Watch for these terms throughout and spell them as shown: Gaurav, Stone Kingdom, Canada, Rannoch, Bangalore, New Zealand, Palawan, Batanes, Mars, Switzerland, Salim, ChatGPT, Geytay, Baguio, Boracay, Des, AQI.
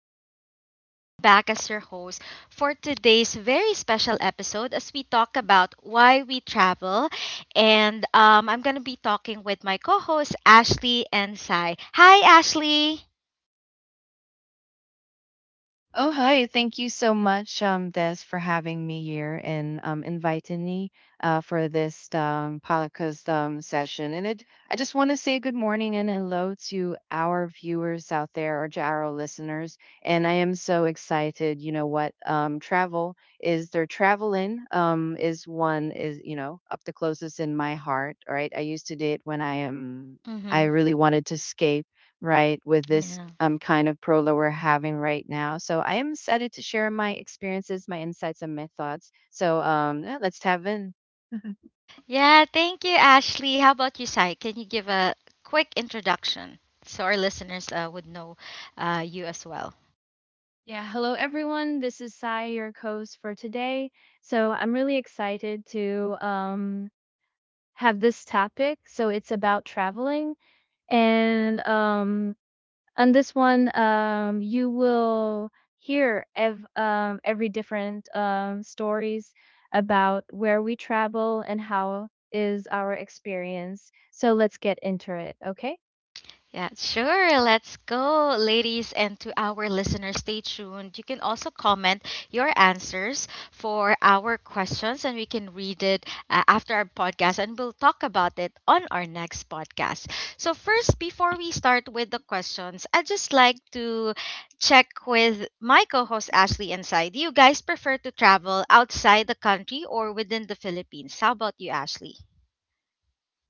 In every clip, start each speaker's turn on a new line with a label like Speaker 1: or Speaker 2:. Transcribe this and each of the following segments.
Speaker 1: everyone. I'm back as your host for today's very special episode as we talk about why we travel. And I'm going to be talking with my co hosts, Ashley and Sai. Hi, Ashley.
Speaker 2: Oh, hi. Thank you so much, Des, for having me here and inviting me for this podcast session. I just want to say good morning and hello to our viewers out there or to our listeners. And I am so excited. You know what? Traveling is one is, you know, up the closest in my heart. Right. I used to do it when I am. I
Speaker 1: Mm-hmm.
Speaker 2: really wanted to escape, right, with this
Speaker 1: Yeah.
Speaker 2: kind of pro that we're having right now. So I am excited to share my experiences, my insights, and my thoughts. So yeah, let's have in.
Speaker 1: Yeah, thank you, Ashley. How about you, Sai? Can you give a quick introduction so our listeners would know you as well?
Speaker 3: Yeah, hello everyone. This is Sai, your host for today. So I'm really excited to have this topic. So it's about traveling, and on this one, you will hear every different stories about where we travel and how is our experience. So let's get into it. Okay.
Speaker 1: Yeah, sure. Let's go, ladies. And to our listeners, stay tuned. You can also comment your answers for our questions, and we can read it after our podcast, and we'll talk about it on our next podcast. So, first, before we start with the questions, I'd just like to check with my co host, Ashley and Sai. Do you guys prefer to travel outside the country or within the Philippines? How about you, Ashley?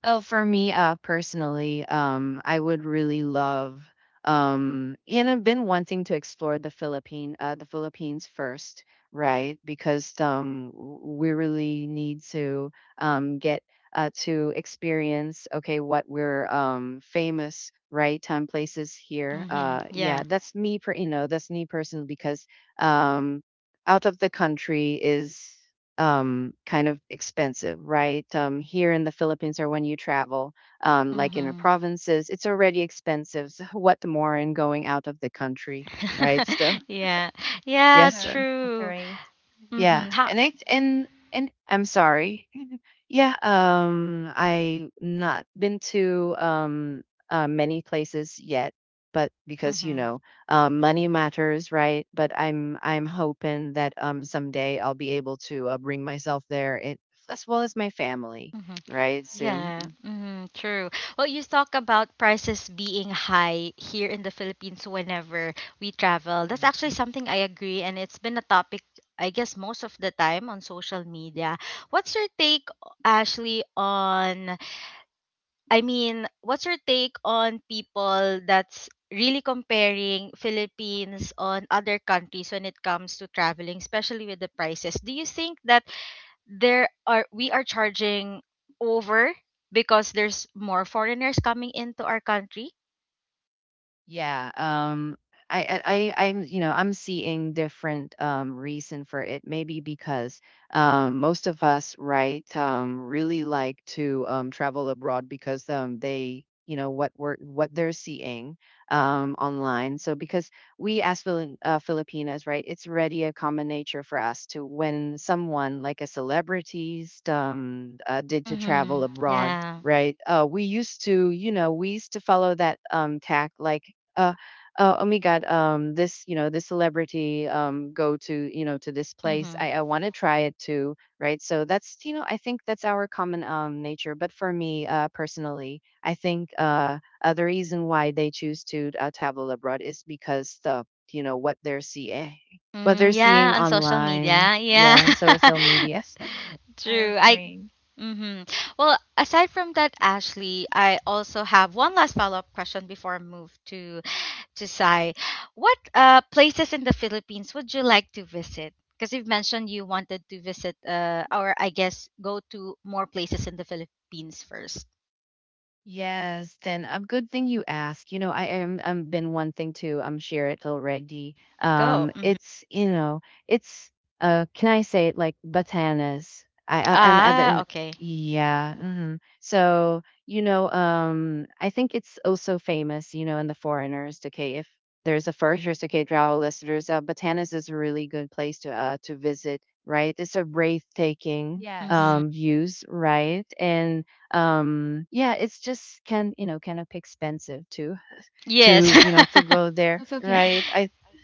Speaker 2: Oh, for me, personally, I would really love, and I've been wanting to explore the Philippines first, right? Because we really need to get to experience, okay, what we're famous, right? Places here.
Speaker 1: Mm-hmm. Yeah.
Speaker 2: Yeah, that's me, that's me personally because um, out of the country is kind of expensive, right? Here in the Philippines, or when you travel, like in the
Speaker 1: Mm-hmm.
Speaker 2: provinces, it's already expensive. So what more in going out of the country, right? So
Speaker 1: Yeah, yeah,
Speaker 2: yes,
Speaker 3: Yeah,
Speaker 1: true.
Speaker 3: okay.
Speaker 2: yeah,
Speaker 1: Mm-hmm. How?
Speaker 2: and it's and I'm sorry. Yeah, I not been to many places yet, but because you
Speaker 1: Mm-hmm.
Speaker 2: know, money matters, right? But I'm hoping that someday I'll be able to bring myself there, and as well as my family,
Speaker 1: Mm-hmm.
Speaker 2: right? Soon.
Speaker 1: Yeah, mm-hmm, true. Well, you talk about prices being high here in the Philippines whenever we travel. That's actually
Speaker 2: Mhm.
Speaker 1: something I agree, and it's been a topic, I guess, most of the time on social media. What's your take, Ashley, on, I mean, what's your take on people that's really comparing Philippines on other countries when it comes to traveling, especially with the prices? Do you think that there are we are charging over because there's more foreigners coming into our country?
Speaker 2: Yeah, I, I, I'm seeing different reason for it. Maybe because most of us, right, really like to travel abroad because they, you know, what we're, what they're seeing online. So because we as Filipinas, right, it's already a common nature for us to when someone like a celebrity did to
Speaker 1: Mm-hmm.
Speaker 2: travel abroad,
Speaker 1: Yeah.
Speaker 2: right? We used to, you know, we used to follow that tack like uh, oh my god, this you know this celebrity go to you know to this place.
Speaker 1: Mm-hmm.
Speaker 2: I want to try it too, right? So that's you know I think that's our common nature. But for me personally, I think the reason why they choose to travel abroad is because the you know what they're
Speaker 1: Mm, yeah,
Speaker 2: seeing
Speaker 1: on social
Speaker 2: online,
Speaker 1: media. Yeah.
Speaker 2: yeah, on social media.
Speaker 3: I
Speaker 1: True. I
Speaker 3: agree.
Speaker 1: Mm-hmm. Well, aside from that, Ashley, I also have one last follow-up question before I move to Sai. What places in the Philippines would you like to visit? Because you've mentioned you wanted to visit or I guess go to more places in the Philippines first.
Speaker 2: Yes, then a good thing you ask. You know, I am been one thing too. I'm share it already.
Speaker 1: Go. Hmm.
Speaker 2: It's you know, it's can I say it like Batanas? I and
Speaker 1: Ah,
Speaker 2: then
Speaker 1: okay.
Speaker 2: yeah. Mhm. So you know, I think it's also famous. You know, in the foreigners, okay, if there's a foreigners, okay, travel listeners, Batanas is a really good place to visit. Right, it's a breathtaking
Speaker 3: Yes.
Speaker 1: Mm-hmm.
Speaker 2: views, right, and yeah, it's just can you know kind of expensive to
Speaker 1: Yes.
Speaker 2: to go there,
Speaker 3: Okay, okay.
Speaker 2: right? I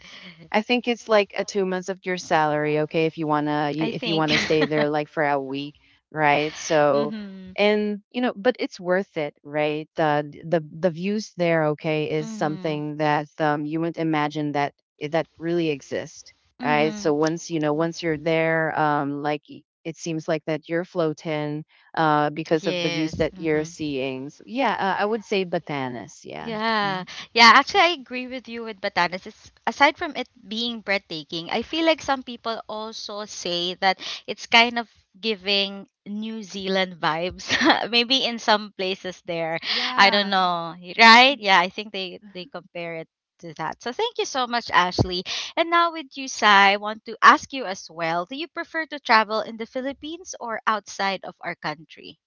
Speaker 2: I think it's like a 2 months of your salary, okay, if you wanna you
Speaker 1: I
Speaker 2: if you
Speaker 1: think.
Speaker 2: wanna stay there like for a week, right? So
Speaker 1: Mm-hmm.
Speaker 2: and you know, but it's worth it, right? The views there, okay, is
Speaker 1: Mm-hmm.
Speaker 2: something that you wouldn't imagine that that really exist, right?
Speaker 1: Mm-hmm.
Speaker 2: So once you're there, like y- it seems like that you're floating, because of the
Speaker 1: Yes.
Speaker 2: views that you're
Speaker 1: Mm-hmm.
Speaker 2: seeing. So, yeah, I would say Batanes, yeah.
Speaker 1: Yeah.
Speaker 2: Mhm.
Speaker 1: Yeah, actually I agree with you with Batanes. It's, aside from it being breathtaking, I feel like some people also say that it's kind of giving New Zealand vibes. Maybe in some places there. I don't
Speaker 2: Yeah.
Speaker 1: know. Right? Yeah, I think they compare it to that. So thank you so much, Ashley. And now with you, Sai, I want to ask you as well, do you prefer to travel in the Philippines or outside of our country?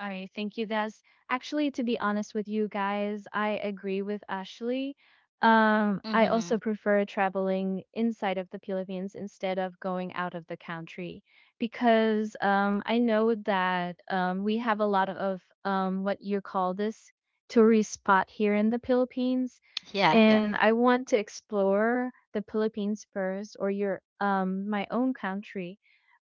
Speaker 3: All right, thank you, Des. Actually, to be honest with you guys, I agree with Ashley. I also
Speaker 1: Mhm.
Speaker 3: prefer traveling inside of the Philippines instead of going out of the country because I know that we have a lot of what you call this tourist spot here in the Philippines,
Speaker 1: Yeah, yeah.
Speaker 3: and I want to explore the Philippines first or your my own country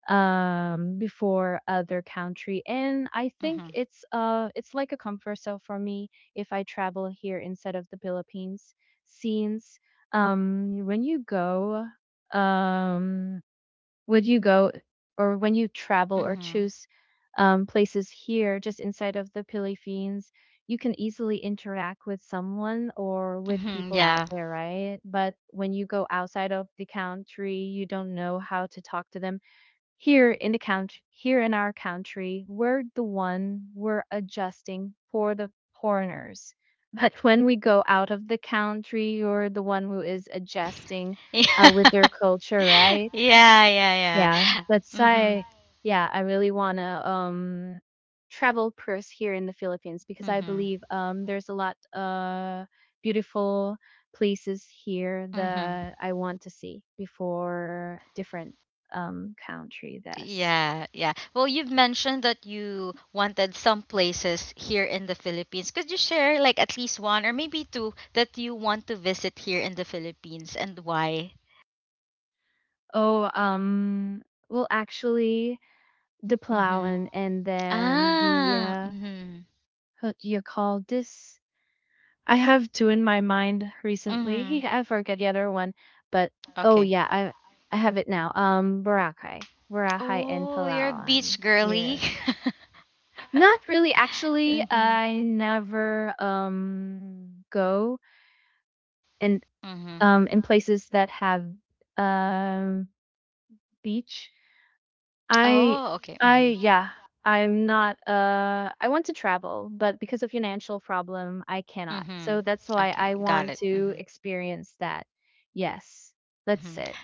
Speaker 3: before other country. And I think
Speaker 1: Mhm.
Speaker 3: it's like a comfort zone for me if I travel here instead of the Philippines, since when you go um would you go, or when you travel or
Speaker 1: Mhm.
Speaker 3: choose places here just inside of the Philippines, you can easily interact with someone or with
Speaker 1: Mhm.
Speaker 3: people out
Speaker 1: Yeah.
Speaker 3: there, right? But when you go outside of the country, you don't know how to talk to them. Here in the country, here in our country, we're the one we're adjusting for the foreigners. But when we go out of the country, you're the one who is adjusting with
Speaker 1: Yeah,
Speaker 3: their culture, right?
Speaker 1: yeah, yeah.
Speaker 3: Yeah, that's
Speaker 1: Mhm,
Speaker 3: I. Yeah, I really wanna travel first here in the Philippines because I
Speaker 1: mhm,
Speaker 3: believe there's a lot beautiful places here
Speaker 1: mhm.
Speaker 3: that I want to see before different country. This.
Speaker 1: Yeah, yeah. Well, you've mentioned that you wanted some places here in the Philippines. Could you share like at least one or maybe two that you want to visit here in the Philippines and why?
Speaker 3: Oh, well, actually, the
Speaker 1: Mhm.
Speaker 3: plowin and then the
Speaker 1: Ah. Mhm.
Speaker 3: what do you call this? I have two in my mind
Speaker 1: Mhm.
Speaker 3: recently. I forget the other one, but oh
Speaker 1: Okay.
Speaker 3: yeah, I have it now. Boracay, Boracay and
Speaker 1: Oh, you're a beach
Speaker 3: Palawan.
Speaker 1: girly.
Speaker 3: Yeah, not really. Actually,
Speaker 1: Mhm.
Speaker 3: I never go and
Speaker 1: Mhm.
Speaker 3: in places that have um beach. I
Speaker 1: Oh, okay.
Speaker 3: I
Speaker 1: Mhm.
Speaker 3: yeah, I'm not I want to travel, but because of financial problem, I cannot.
Speaker 1: Mm-hmm.
Speaker 3: So that's why
Speaker 1: Okay,
Speaker 3: I
Speaker 1: got
Speaker 3: want
Speaker 1: it.
Speaker 3: to
Speaker 1: Mm-hmm.
Speaker 3: experience that. Yes. That's
Speaker 1: Mm-hmm.
Speaker 3: it.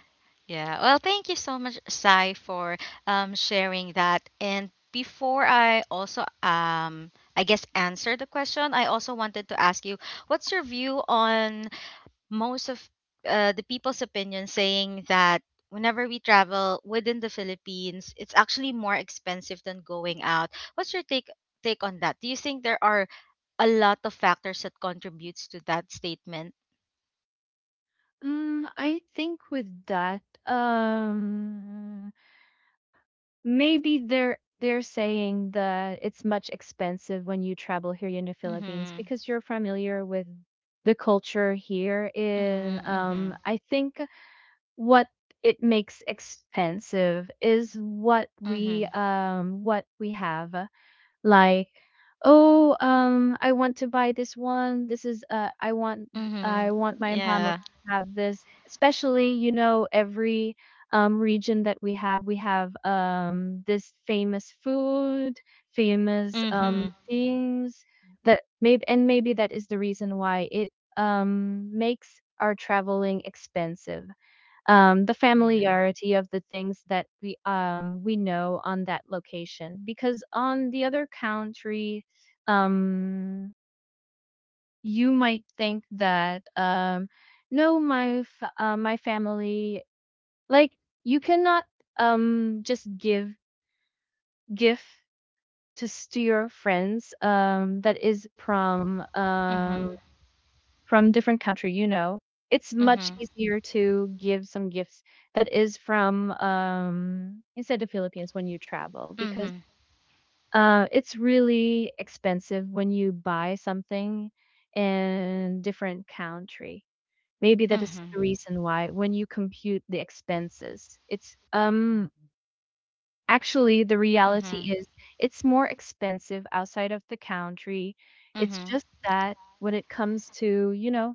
Speaker 1: Yeah. Well, thank you so much, Sai, for sharing that. And before I also, I guess, answer the question, I also wanted to ask you, what's your view on most of the people's opinion saying that whenever we travel within the Philippines, it's actually more expensive than going out? What's your take on that? Do you think there are a lot of factors that contributes to that statement?
Speaker 3: Mm, I think with that, maybe they're saying that it's much expensive when you travel here in the Philippines
Speaker 1: Mm-hmm.
Speaker 3: because you're familiar with the culture here in
Speaker 1: Mhm.
Speaker 3: I think what it makes expensive is
Speaker 1: Mhm.
Speaker 3: what we have, like oh I want to buy this one, this is I want, I
Speaker 1: Mhm.
Speaker 3: want my family
Speaker 1: Yeah.
Speaker 3: to have this, especially you know every region that we have, we have this famous food, famous
Speaker 1: Mhm.
Speaker 3: things that maybe, and maybe that is the reason why it makes our traveling expensive. The
Speaker 2: Yeah.
Speaker 3: familiarity of the things that we know on that location, because on the other country um you might think that no my family, like, you cannot just give gift to to your friends that is
Speaker 1: Mhm.
Speaker 3: from different country, you know, it's much
Speaker 1: Mhm.
Speaker 3: easier to give some gifts that is from inside the Philippines when you travel because
Speaker 1: Mhm.
Speaker 3: it's really expensive when you buy something in different country. Maybe that is
Speaker 1: Mhm.
Speaker 3: the reason why when you compute the expenses, it's
Speaker 2: Mhm.
Speaker 3: actually, the reality
Speaker 1: Mhm.
Speaker 3: is it's more expensive outside of the country. It's
Speaker 1: Mhm.
Speaker 3: just that when it comes to, you know,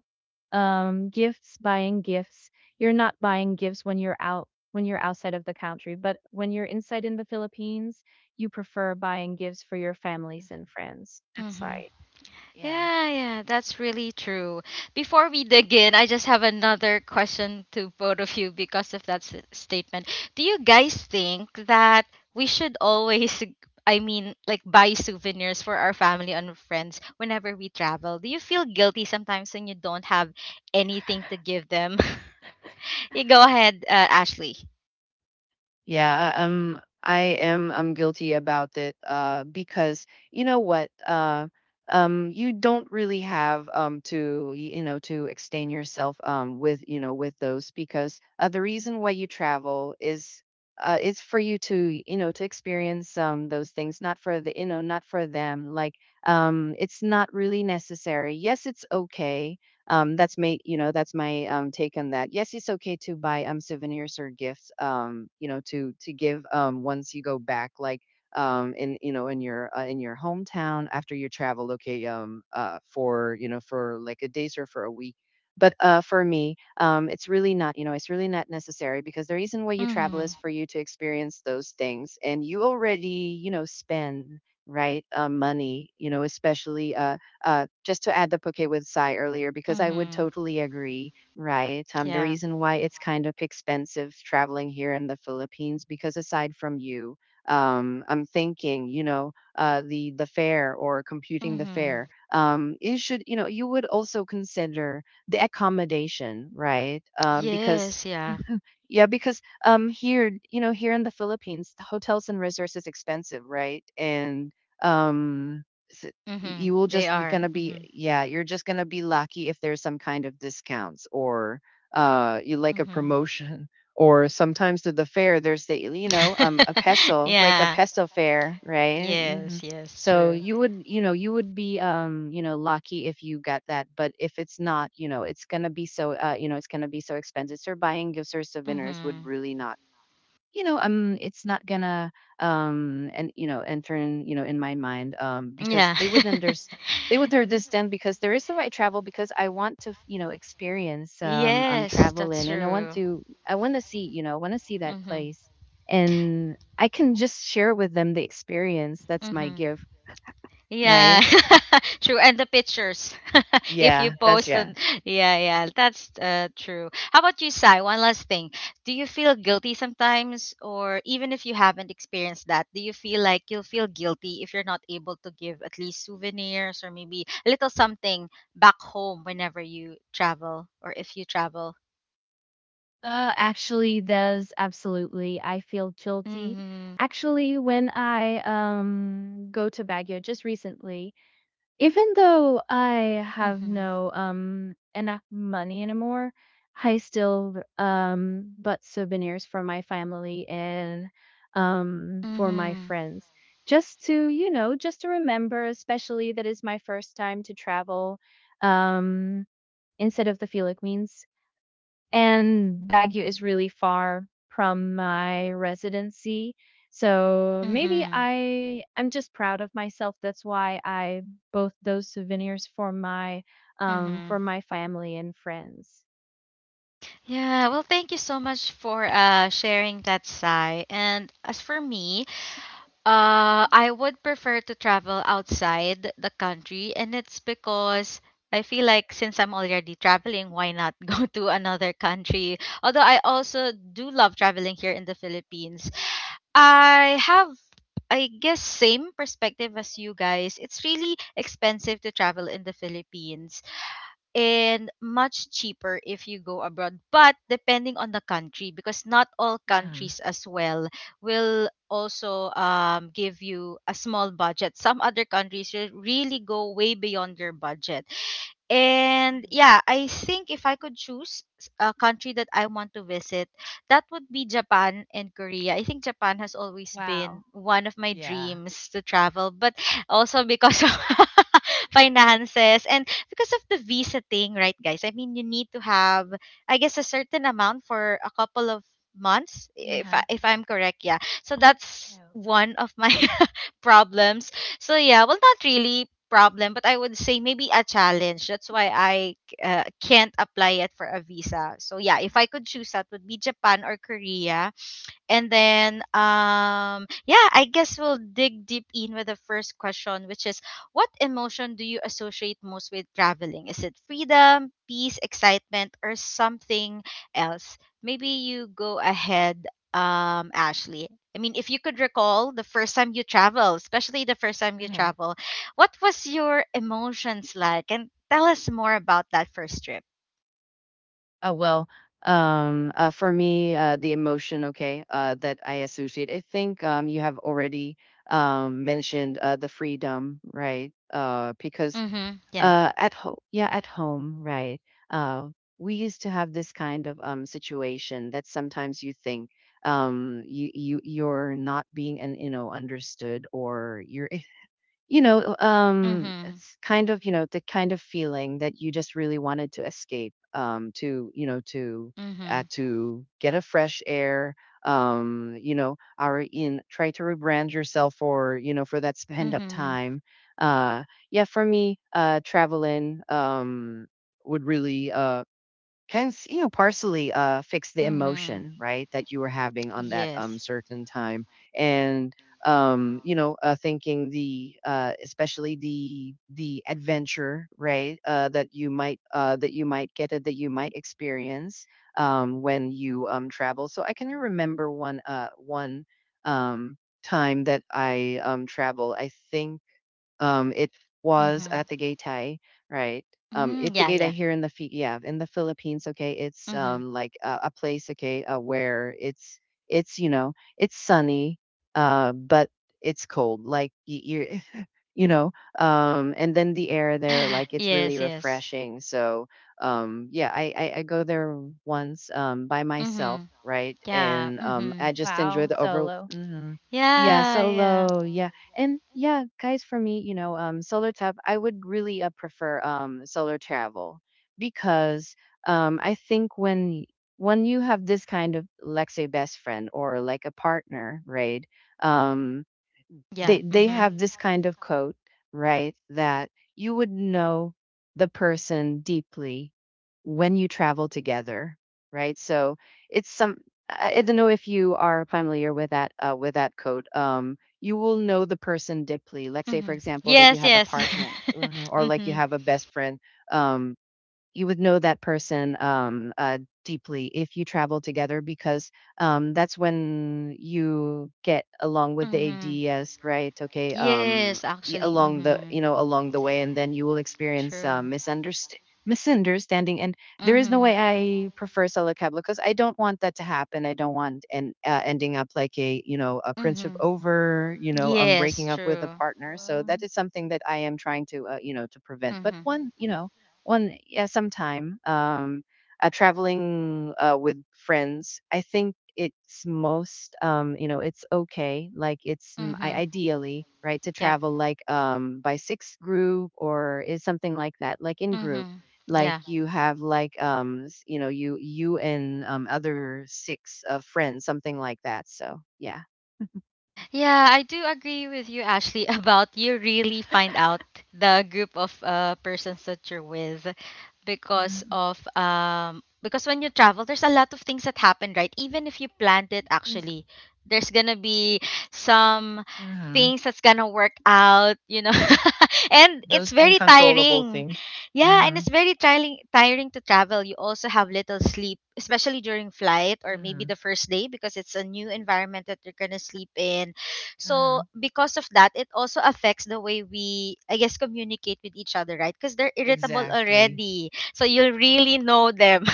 Speaker 3: gifts, buying gifts, you're not buying gifts when you're out, when you're outside of the country, but when you're inside in the Philippines, you prefer buying gifts for your families and friends. That's
Speaker 1: Mhm.
Speaker 3: right.
Speaker 2: Yeah.
Speaker 1: Yeah, yeah, that's really true. Before we dig in, I just have another question to both of you because of that statement. Do you guys think that we should always, I mean, like buy souvenirs for our family and friends whenever we travel? Do you feel guilty sometimes when you don't have anything to give them? You go ahead, Ashley.
Speaker 2: Yeah, I am. I'm guilty about it. Because you know what? You don't really have to to extend yourself with you know with those because the reason why you travel is it's for you to to experience those things, not for the you know not for them. Like it's not really necessary. Yes, it's okay, that's my, you know, that's my take on that. Yes, it's okay to buy souvenirs or gifts, you know, to give once you go back, like in your hometown after you travel. Okay, for you know for like a days or for a week. But for me, it's really not, you know, it's really not necessary because the reason why you travel is
Speaker 1: Mhm.
Speaker 2: for you to experience those things, and you already, you know, spend right money, you know, especially just to add the bouquet with Sai earlier, because I would
Speaker 1: Mhm.
Speaker 2: totally agree, right? The
Speaker 1: Yeah.
Speaker 2: reason why it's kind of expensive traveling here in the Philippines, because aside from you, I'm thinking, you know, the fare or computing the
Speaker 1: Mhm.
Speaker 2: fare, you should, you know, you would also consider the accommodation, right? Because
Speaker 1: Yes, yeah.
Speaker 2: yeah, because here, you know, here in the Philippines, the hotels and resorts is expensive, right? And um s-
Speaker 1: Mhm.
Speaker 2: you will
Speaker 1: They
Speaker 2: just be
Speaker 1: are.
Speaker 2: gonna be
Speaker 1: Mhm.
Speaker 2: yeah, you're just gonna be lucky if there's some kind of discounts or you like a
Speaker 1: Mhm.
Speaker 2: promotion or sometimes to the fair there's the you know a peso like a
Speaker 1: Yeah.
Speaker 2: peso fair right. Mm-hmm.
Speaker 1: Yes, yes,
Speaker 2: So
Speaker 1: true.
Speaker 2: you would, you know, you would be, you know, lucky if you get that. But if it's not, you know, it's gonna be so, you know, it's gonna be so expensive. So buying gifts or souvenirs would
Speaker 1: Mhm.
Speaker 2: really not, you know, it's not gonna, enter in, you know, in my mind, because
Speaker 1: Yeah.
Speaker 2: they would understand. They would understand because there is the right travel because I want to, you know, experience am
Speaker 1: Yes, that's
Speaker 2: traveling and
Speaker 1: true.
Speaker 2: I want to see, you know, I want to see that
Speaker 1: Mhm.
Speaker 2: place and I can just share with them the experience. That's my
Speaker 1: Mhm.
Speaker 2: gift.
Speaker 1: Yeah,
Speaker 2: Right?
Speaker 1: true. And the pictures, if you
Speaker 2: Yeah, that's
Speaker 1: post
Speaker 2: yeah.
Speaker 1: them, yeah, yeah, that's true. How about you, Sai? One last thing. Do you feel guilty sometimes, or even if you haven't experienced that, do you feel like you'll feel guilty if you're not able to give at least souvenirs or maybe a little something back home whenever you travel or if you travel?
Speaker 3: Actually, there's absolutely. I feel guilty.
Speaker 1: Mm-hmm.
Speaker 3: Actually, when I go to Baguio just recently, even though I have
Speaker 1: Mm-hmm.
Speaker 3: no, enough money anymore, I still, bought souvenirs for my family and, for my
Speaker 1: Mm-hmm.
Speaker 3: friends. Just to, you know, just to remember, especially that is my first time to travel, um, instead of the Philippines, and Baguio is really far from my residency. So maybe
Speaker 1: Mm-hmm.
Speaker 3: I'm just proud of myself. That's why I both those souvenirs for
Speaker 1: Mm-hmm.
Speaker 3: my family and friends.
Speaker 1: Yeah, well, thank you so much for sharing that, Sai. And as for me, I would prefer to travel outside the country, and it's because I feel like since I'm already traveling, why not go to another country? Although I also do love traveling here in the Philippines. I have, I guess, same perspective as you guys. It's really expensive to travel in the Philippines and much cheaper if you go abroad but depending on the country because not all
Speaker 2: Yeah.
Speaker 1: countries as well will also give you a small budget. Some other countries will really go way beyond your budget, and
Speaker 2: Mhm.
Speaker 1: yeah, I think if I could choose a country that I want to visit, that would be Japan and Korea. I think Japan has always been
Speaker 3: Wow.
Speaker 1: one of my
Speaker 2: Yeah.
Speaker 1: dreams to travel, but also because of finances and because of the visa thing, right, guys? I mean, you need to have, I guess, a certain amount for a couple of months,
Speaker 2: Yeah.
Speaker 1: if I'm correct, yeah. So that's
Speaker 3: No.
Speaker 1: one of my problems, so yeah, well, not really problem, but I would say maybe a challenge. That's why I can't apply it for a visa. So yeah, if I could choose, that would be Japan or Korea. And then, yeah, I guess we'll dig deep in with the first question, which is what emotion do you associate most with traveling? Is it freedom, peace, excitement, or something else? Maybe you go ahead, Ashley. I mean, if you could recall the first time you travel, especially the first time you
Speaker 2: Okay.
Speaker 1: travel, what was your emotions like? And tell us more about that first trip.
Speaker 2: Uh, well, for me, the emotion, okay, that I associate, I think you have already mentioned the freedom, right? Because
Speaker 1: Mm-hmm. Yeah.
Speaker 2: at home, right? Uh, we used to have this kind of situation that sometimes you think you're not being and you know understood or you're you know,
Speaker 1: Mm-hmm.
Speaker 2: it's kind of, you know, the kind of feeling that you just really wanted to escape,
Speaker 1: Mm-hmm.
Speaker 2: to get a fresh air, you know, or in, try to rebrand yourself for, you know, for that spend up
Speaker 1: Mm-hmm.
Speaker 2: time. Uh, yeah, for me, traveling, would really, you know partially fix the
Speaker 1: Mm-hmm.
Speaker 2: emotion, right, that you were having on that
Speaker 1: Yes.
Speaker 2: certain time, and you know thinking the especially the adventure, right, that you might get it, that you might experience when you travel. So I can remember one um time that I travel. I think it was
Speaker 1: Mm-hmm.
Speaker 2: at the Geytay, right?
Speaker 1: Mm,
Speaker 2: It's a
Speaker 1: yeah,
Speaker 2: Geytay
Speaker 1: yeah.
Speaker 2: here in the Philippines, okay? It's
Speaker 1: Mm-hmm.
Speaker 2: like a place, okay, where it's you know, it's sunny, but it's cold. Like y- you're you know and then the air there like it's really
Speaker 1: Yes, yes.
Speaker 2: refreshing. So yeah, I go there once by myself,
Speaker 1: Mm-hmm.
Speaker 2: right,
Speaker 1: Yeah.
Speaker 2: and
Speaker 1: Mm-hmm.
Speaker 2: I just enjoy
Speaker 3: Wow.
Speaker 2: the over.
Speaker 3: Solo.
Speaker 2: Mhm. Yeah,
Speaker 1: Yeah, yeah.
Speaker 2: solo, yeah. And yeah guys, for me, you know, solo tap, I would really, prefer solo travel because I think when you have this kind of let say best friend or like a partner, right, um
Speaker 1: Yeah.
Speaker 2: they
Speaker 1: Mm-hmm.
Speaker 2: have this kind of code, right? That you would know the person deeply when you travel together, right? So it's some, I don't know if you are familiar with that, with that code. You will know the person deeply. Let's say,
Speaker 1: Mm-hmm.
Speaker 2: for example, that you
Speaker 1: Yes,
Speaker 2: have a
Speaker 1: yes.
Speaker 2: partner, or like you
Speaker 1: Mm-hmm.
Speaker 2: have a best friend. Um, you would know that person deeply if you travel together because that's when you get along with the
Speaker 1: Mm-hmm.
Speaker 2: ADS, right? Okay,
Speaker 1: Yes, actually.
Speaker 2: along the
Speaker 1: Mm-hmm.
Speaker 2: you know along the way, and then you will experience
Speaker 1: True.
Speaker 2: misunderstanding. Misunderstanding, and there is no
Speaker 1: Mm-hmm.
Speaker 2: way I prefer solo cab because I don't want that to happen. I don't want and ending up like a you know a friendship
Speaker 1: Mm-hmm.
Speaker 2: over, you know,
Speaker 1: Yes,
Speaker 2: breaking up with a
Speaker 1: true.
Speaker 2: partner. So that
Speaker 3: Um,
Speaker 2: is something that I am trying to you know to prevent. But
Speaker 1: Mm-hmm.
Speaker 2: one, you know, one yeah, sometime. Traveling with friends, I think it's most, you know, it's okay. Like it's
Speaker 1: Mm-hmm.
Speaker 2: ideally right to
Speaker 1: Yeah.
Speaker 2: travel like by six group or is something like that, like in group.
Speaker 1: Mm-hmm.
Speaker 2: Like
Speaker 1: Yeah.
Speaker 2: you have like you and other six friends, something like that. So yeah.
Speaker 1: Yeah, I do agree with you, Ashley, about you really find out the group of persons that you're with because
Speaker 2: Mm,
Speaker 1: of because when you travel there's a lot of things that happen, right? Even if you planned it
Speaker 2: yes,
Speaker 1: actually, there's gonna be some
Speaker 2: uh-huh.
Speaker 1: things that's gonna work out, you know. And it's
Speaker 2: Those
Speaker 1: very
Speaker 2: uncontrollable
Speaker 1: tiring.
Speaker 2: things.
Speaker 1: Yeah, and
Speaker 2: Uh-huh.
Speaker 1: it's very tiring to travel. You also have little sleep, especially during flight or maybe
Speaker 2: Uh-huh.
Speaker 1: the first day because it's a new environment that you're gonna sleep in, so
Speaker 2: Uh-huh.
Speaker 1: because of that, it also affects the way we, I guess, communicate with each other, right? Because they're irritable
Speaker 2: Exactly.
Speaker 1: already. So you will really know them.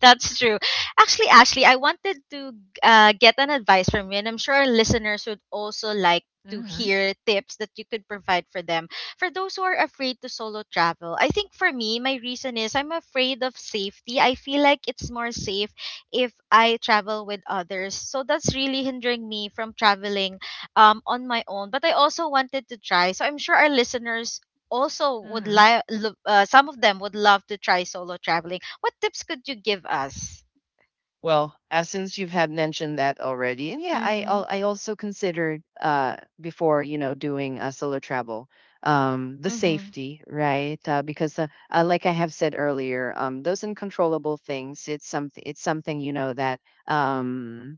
Speaker 1: That's true. Actually, Ashley, I wanted to get an advice from you, and I'm sure our listeners would also like to
Speaker 2: 嗯哼，
Speaker 1: hear tips that you could provide for them. For those who are afraid to solo travel, I think for me, my reason is I'm afraid of safety. I feel like it's more safe if I travel with others. So that's really hindering me from traveling on my own. But I also wanted to try. So I'm sure our listeners also
Speaker 2: 嗯
Speaker 1: would
Speaker 2: 哼。
Speaker 1: like some of them would love to try solo traveling. What tips could you give us?
Speaker 2: Well, since you've had mentioned that already, and yeah,
Speaker 1: Mhm.
Speaker 2: I also considered before doing a solo travel, the
Speaker 1: Mhm.
Speaker 2: safety, right? Because like I have said earlier, those uncontrollable things, it's something, that um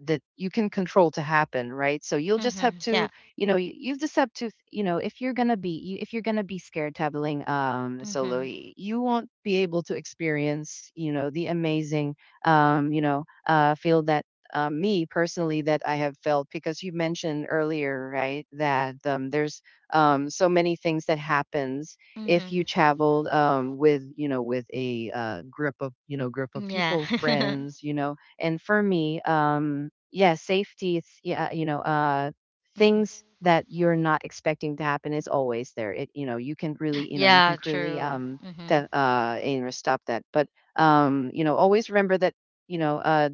Speaker 2: that you can control to happen, right? So you'll just have
Speaker 1: Mhm.
Speaker 2: to,
Speaker 1: Yeah.
Speaker 2: you just have to, if you're gonna be you, if you're gonna be scared traveling solo,
Speaker 1: Mhm.
Speaker 2: you won't be able to experience, the amazing, feel that, me personally, that I have felt, because you mentioned earlier, right, that, there's, so many things that happens if you
Speaker 1: Mhm.
Speaker 2: traveled, with, with a, group of
Speaker 1: Yeah.
Speaker 2: people, friends, and for me, yeah, safety, it's, yeah, things
Speaker 1: Mhm.
Speaker 2: that you're not expecting to happen is always there. It, you can really,
Speaker 1: Yeah, true. Mhm.
Speaker 2: that you know stop that, but always remember that, you know, uh,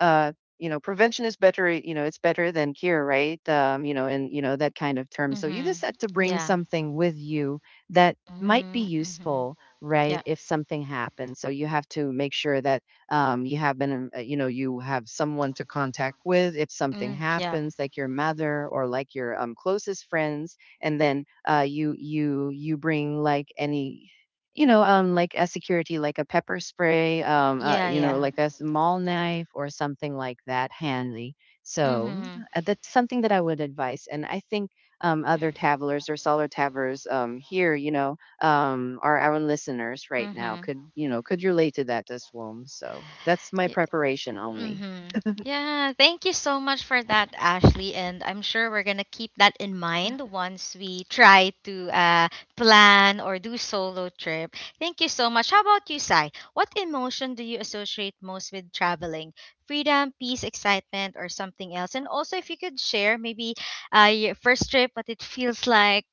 Speaker 2: uh, prevention is better, it's better than cure, right? And that kind of term. So you just
Speaker 1: Mhm.
Speaker 2: had to bring
Speaker 1: Yeah.
Speaker 2: something with you that might be
Speaker 1: Mm, mhm.
Speaker 2: useful, right?
Speaker 1: Yeah.
Speaker 2: If something happens. So you have to make sure that, you have been, you know, you have someone to contact with if something
Speaker 1: Mm, yeah.
Speaker 2: happens, like your mother or like your, closest friends. And then, you bring like any, like a security, like a pepper spray,
Speaker 1: Yeah, yeah.
Speaker 2: like a small knife or something like that, handy. So,
Speaker 1: Mhm.
Speaker 2: that's something that I would advise. And I think, other travelers or solo travelers, here, are our listeners right now
Speaker 1: Mhm.
Speaker 2: could, could relate to that as well. So that's my preparation only.
Speaker 1: Mm-hmm. Yeah, thank you so much for that, Ashley. And I'm sure we're gonna keep that in mind once we try to plan or do solo trip. Thank you so much. How about you, Sai? What emotion do you associate most with traveling? Freedom, peace, excitement, or something else? And also, if you could share maybe your first trip, what it feels like,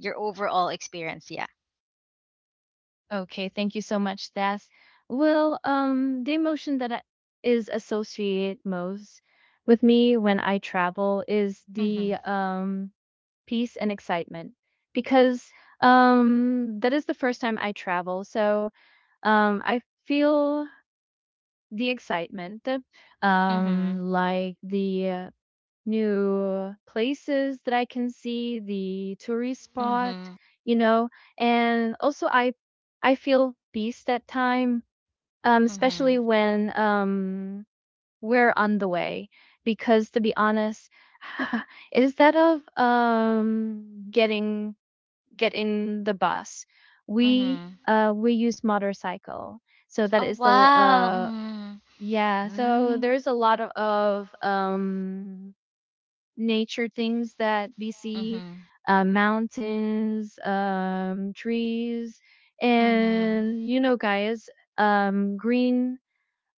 Speaker 1: your overall experience. Yeah.
Speaker 3: Okay, thank you so much, Tess. Well, the emotion that I- is associated most with me when I travel is
Speaker 1: Mm-hmm.
Speaker 3: the peace and excitement, because that is the first time I travel. So I feel the excitement, the
Speaker 1: Mm-hmm.
Speaker 3: um like the uh, new places that I can see, the tourist spot,
Speaker 1: Mm-hmm.
Speaker 3: you know, and also I feel peace that time,
Speaker 1: Mm-hmm.
Speaker 3: especially when we're on the way, because to be honest, is that of getting get in the bus. We
Speaker 1: Mm-hmm.
Speaker 3: uh we use motorcycle. So that
Speaker 1: Oh
Speaker 3: is the
Speaker 1: wow. Mm-hmm.
Speaker 3: yeah, so
Speaker 2: Mm,
Speaker 3: there's a lot of nature things that we see,
Speaker 1: Mm-hmm.
Speaker 3: mountains, trees,
Speaker 1: Mm-hmm.
Speaker 3: and you know guys, um green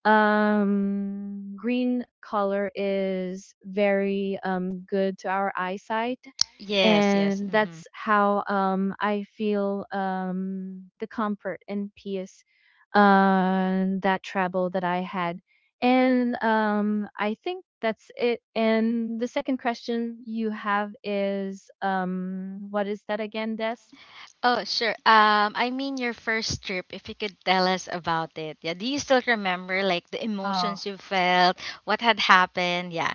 Speaker 3: green color is very good to our eyesight,
Speaker 1: Yes, yes.
Speaker 3: and
Speaker 1: Mm-hmm.
Speaker 3: that's how I feel the comfort and peace that travel that I had. And I think that's it. And the second question you have is what is that again, Des?
Speaker 1: Oh, sure. I mean your first trip, if you could tell us about it. Yeah. Do you still remember like the
Speaker 3: Oh,
Speaker 1: emotions you felt, what had happened? Yeah.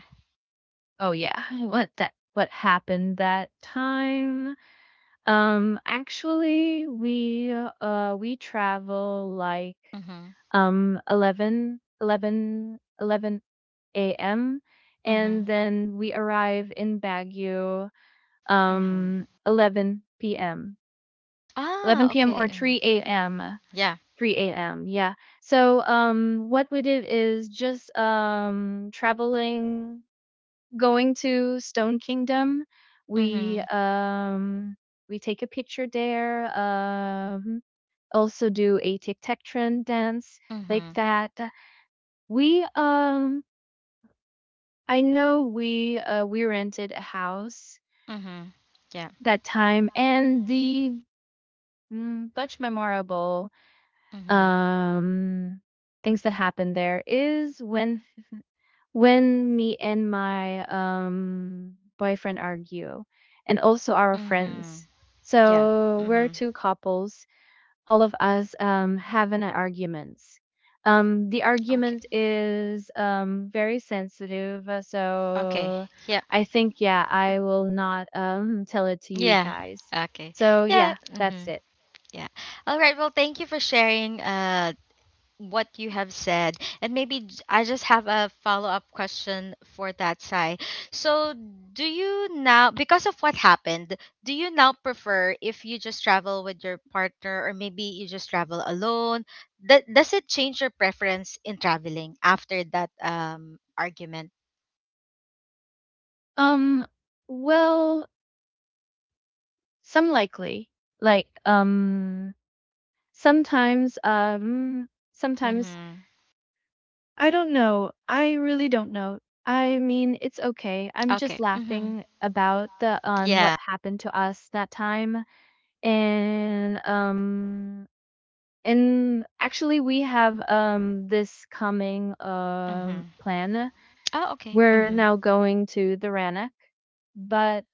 Speaker 3: oh yeah. What that? What happened that time? Actually, we travel like
Speaker 1: Mm-hmm.
Speaker 3: 11 a.m., and
Speaker 1: Mm-hmm.
Speaker 3: then we arrive in Baguio
Speaker 1: Mm-hmm.
Speaker 3: um 11 p.m.
Speaker 1: Ah,
Speaker 3: 11 p.m.
Speaker 1: okay.
Speaker 3: or
Speaker 1: Mm-hmm.
Speaker 3: 3 a.m.
Speaker 1: Yeah.
Speaker 3: 3 a.m. Yeah. So what we did is just traveling, going to Stone Kingdom. We
Speaker 1: Mm-hmm.
Speaker 3: um we take a picture there. Also do a tic-tac-tron dance like
Speaker 1: Mm-hmm.
Speaker 3: that. We I know we rented a house
Speaker 1: Mm-hmm. Yeah.
Speaker 3: that time, and the mm, much memorable
Speaker 1: Mm-hmm.
Speaker 3: um things that happened there is when me and my boyfriend argue, and also our
Speaker 1: Mm-hmm.
Speaker 3: friends.
Speaker 1: Yeah.
Speaker 3: So we're
Speaker 1: Mm-hmm.
Speaker 3: two couples, all of us having an arguments. The
Speaker 1: Okay.
Speaker 3: argument is very sensitive,
Speaker 1: Okay.
Speaker 3: so
Speaker 1: Yeah.
Speaker 3: I think yeah, I will not tell it to you
Speaker 1: Yeah.
Speaker 3: guys.
Speaker 1: Okay.
Speaker 3: So
Speaker 1: Yeah.
Speaker 3: yeah, that's
Speaker 1: Mm-hmm.
Speaker 3: it.
Speaker 1: Yeah. All right. Well, thank you for sharing what you have said. And maybe I just have a follow up question for that, Sai. So, do you now, because of what happened, do you now prefer if you just travel with your partner or maybe you just travel alone? Does it change your preference in traveling after that argument?
Speaker 3: Um, well, some likely, like um sometimes um sometimes
Speaker 1: Mm-hmm.
Speaker 3: I don't know. I really don't know. I mean, it's okay. I'm just
Speaker 1: Okay. Mm-hmm.
Speaker 3: laughing about the on what
Speaker 1: Yeah.
Speaker 3: happened to us that time. And and actually we have this coming
Speaker 1: Mm-hmm.
Speaker 3: plan,
Speaker 1: Oh, okay.
Speaker 3: we're
Speaker 1: Mm-hmm.
Speaker 3: now going to the Rannoch, but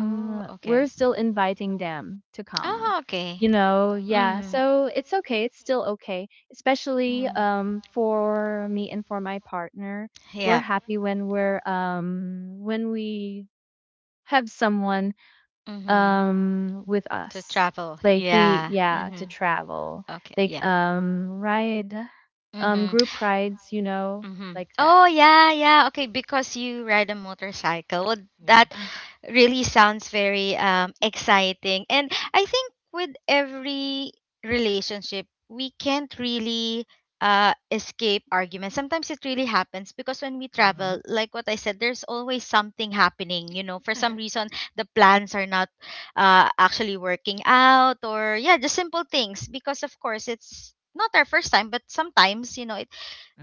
Speaker 1: Oh,
Speaker 3: we're
Speaker 1: okay.
Speaker 3: still inviting them to come,
Speaker 1: Oh, okay.
Speaker 3: you know. Yeah,
Speaker 1: Mm-hmm.
Speaker 3: so it's okay, it's still okay, especially
Speaker 1: Mm-hmm.
Speaker 3: for me and for my partner, we're
Speaker 1: Yeah.
Speaker 3: happy when we have someone
Speaker 1: Mm-hmm.
Speaker 3: with
Speaker 1: To
Speaker 3: us,
Speaker 1: travel.
Speaker 3: like we
Speaker 1: Yeah.
Speaker 3: yeah to
Speaker 1: Mhm.
Speaker 3: travel,
Speaker 1: Okay.
Speaker 3: like
Speaker 1: Yeah.
Speaker 3: ride
Speaker 1: Mhm.
Speaker 3: group rides, you know,
Speaker 1: Mm-hmm.
Speaker 3: like that.
Speaker 1: Oh yeah, yeah. Okay, because you ride a motorcycle. Well,
Speaker 2: yeah.
Speaker 1: that
Speaker 3: Ah,
Speaker 1: really sounds very exciting. And I think with every relationship, we can't really escape arguments. Sometimes it really happens because when we
Speaker 2: Uh-huh.
Speaker 1: travel, like what I said, there's always something happening, you know. For some reason, the plans are not actually working out or yeah, just simple things because of course it's not our first time, but sometimes, you know, it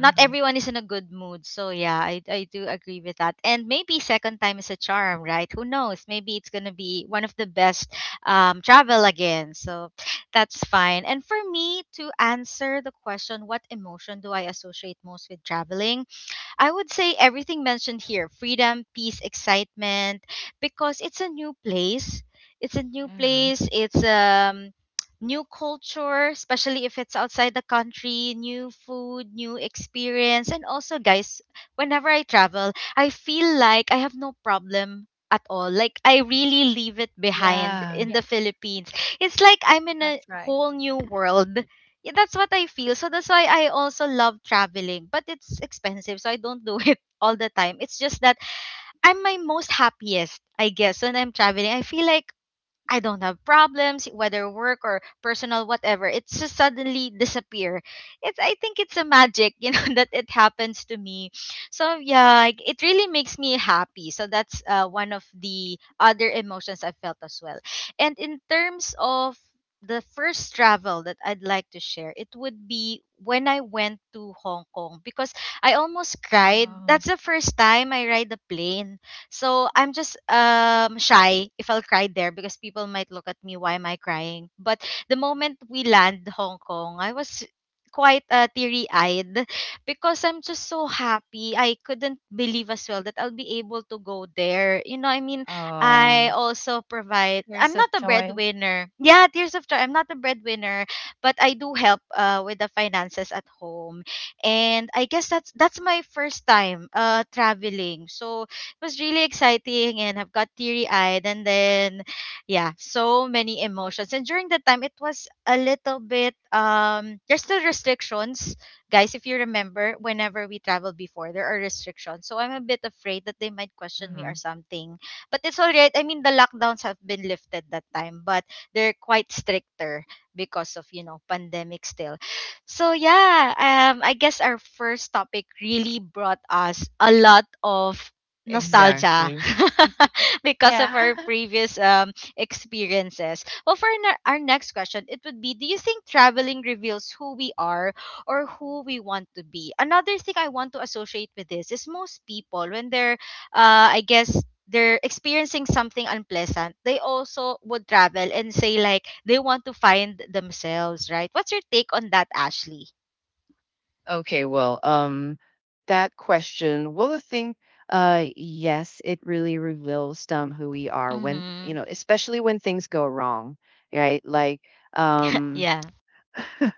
Speaker 1: not everyone is in a good mood. So yeah, I do agree with that. And maybe second time is a charm, right? Who knows? Maybe it's gonna be one of the best travel again. So that's fine. And for me to answer the question, what emotion do I associate most with traveling? I would say everything mentioned here: freedom, peace, excitement, because it's a new place. It's a new
Speaker 2: Uh-huh.
Speaker 1: place. It's new culture, especially if it's outside the country, new food, new experience. And also guys, whenever I travel, I feel like I have no problem at all. Like I really leave it behind
Speaker 2: Yeah.
Speaker 1: in
Speaker 3: yeah,
Speaker 1: the Philippines. It's like I'm in a
Speaker 3: that's right.
Speaker 1: whole new world, yeah, that's what I feel. So that's why I also love traveling, but it's expensive, so I don't do it all the time. It's just that I'm my most happiest, I guess, when I'm traveling. I feel like I don't have problems, whether work or personal, whatever. It's just suddenly disappear. It's I think it's a magic, you know, that it happens to me. So yeah, like, it really makes me happy. So that's one of the other emotions I felt as well. And in terms of the first travel that I'd like to share, it would be when I went to Hong Kong because I almost cried.
Speaker 2: Um.
Speaker 1: That's the first time I ride a plane, so I'm just shy if I'll cry there because people might look at me, why am I crying? But the moment we land Hong Kong, I was quite teary-eyed because I'm just so happy. I couldn't believe as well that I'll be able to go there. You know, I mean, I
Speaker 2: Uh.
Speaker 1: also provide. I'm
Speaker 3: Years
Speaker 1: not
Speaker 3: of
Speaker 1: a
Speaker 3: joy.
Speaker 1: breadwinner. Yeah, tears of joy. I'm not a breadwinner, but I do help with the finances at home, and I guess that's my first time traveling. So it was really exciting and I've got teary eyed and then yeah, so many emotions. And during that time it was a little bit there's still restrictions. Guys, if you remember, whenever we traveled before, there are restrictions. So I'm a bit afraid that they might question me or
Speaker 2: Uh-huh.
Speaker 1: something. But it's all right. I mean, the lockdowns have been lifted that time, but they're quite stricter because of, you know, pandemic still. So yeah, I guess our first topic really brought us a lot of nostalgia.
Speaker 2: Exactly.
Speaker 1: Because of
Speaker 3: Yeah.
Speaker 1: our previous experiences. Well, our next question, it would be: do you think traveling reveals who we are or who we want to be? Another thing I want to associate with this is most people, when they're, I guess, they're experiencing something unpleasant, they also would travel and say, like, they want to find themselves, right? What's your take on that, Ashley?
Speaker 2: Okay, well, that question, well, the thing, yes, it really reveals who we are,
Speaker 1: Mm
Speaker 2: when,
Speaker 1: hmm.
Speaker 2: especially when things go wrong, right? Like, um,
Speaker 1: Yeah.
Speaker 2: we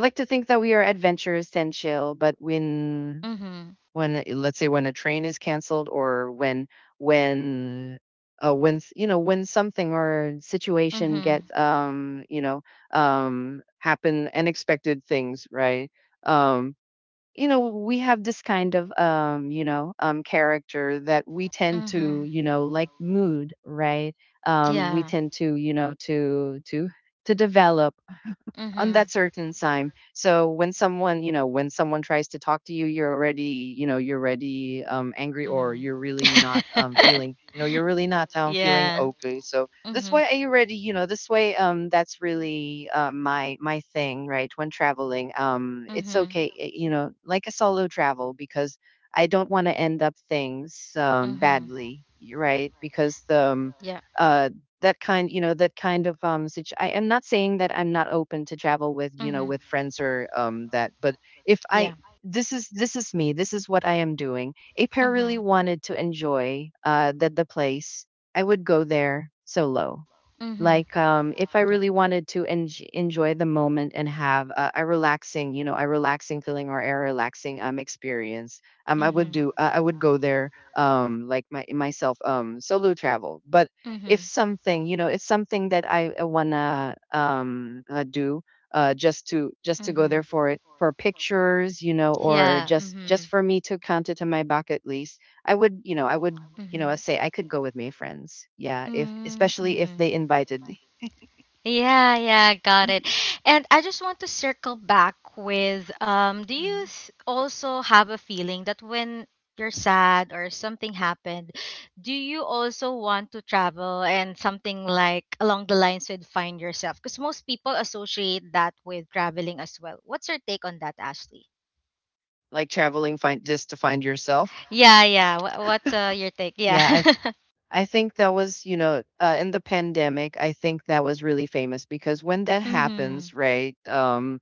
Speaker 2: like to think that we are adventurous and chill, but
Speaker 1: Mm hmm.
Speaker 2: when, let's say, when a train is canceled or when, when something or
Speaker 1: Mm
Speaker 2: situation
Speaker 1: hmm.
Speaker 2: gets, happen unexpected things, right? Um, we have this kind of, character that we tend
Speaker 1: Mm hmm.
Speaker 2: to, like mood, right. We
Speaker 1: Yeah.
Speaker 2: tend to, to develop
Speaker 1: Mm hmm.
Speaker 2: on that certain time. So when, someone you know when someone tries to talk to you, you're already, angry, or
Speaker 1: Mhm.
Speaker 2: you're really not, feeling
Speaker 1: Yeah.
Speaker 2: okay. So this
Speaker 1: Mhm.
Speaker 2: way I already you know this way, that's really, my thing, right. When traveling, it's
Speaker 1: Mhm.
Speaker 2: okay, like a solo travel, because I don't want to end up things,
Speaker 1: Mhm.
Speaker 2: badly, right, because the,
Speaker 1: Yeah.
Speaker 2: uh that kind of, I am not saying that I'm not open to travel with,
Speaker 1: Mhm.
Speaker 2: with friends, or, that, but if I
Speaker 1: Yeah.
Speaker 2: this is me, this is what I am doing. If I
Speaker 1: Mhm.
Speaker 2: really wanted to enjoy, that the place, I would go there solo.
Speaker 1: Mhm.
Speaker 2: Like, if I
Speaker 1: Yeah.
Speaker 2: really wanted to enjoy the moment and have a relaxing, a relaxing feeling, or a relaxing, experience.
Speaker 1: Mhm.
Speaker 2: I would go there, like my myself, solo travel. But if
Speaker 1: Mhm.
Speaker 2: something you know it's something that I wanna, do, just to go there
Speaker 1: Mhm.
Speaker 2: for it for pictures, or
Speaker 1: Yeah.
Speaker 2: just
Speaker 1: Mhm.
Speaker 2: for me to count it in my bucket list. I would,
Speaker 1: Mhm.
Speaker 2: say I could go with my friends, yeah, if
Speaker 1: Mm,
Speaker 2: especially if
Speaker 1: mhm.
Speaker 2: they invited me.
Speaker 1: Yeah, yeah, got it. And I just want to circle back with
Speaker 2: Mhm.
Speaker 1: also have a feeling that when you're sad or something happened, do you also want to travel and something like along the lines with find yourself? Because most people associate that with traveling as well. What's your take on that, Ashley?
Speaker 2: Like traveling, find, just to find yourself.
Speaker 1: Yeah, yeah. What's your take? Yeah.
Speaker 2: Yeah, i i think that was, in the pandemic, I think that was really famous, because when that
Speaker 1: Mhm.
Speaker 2: happens, right,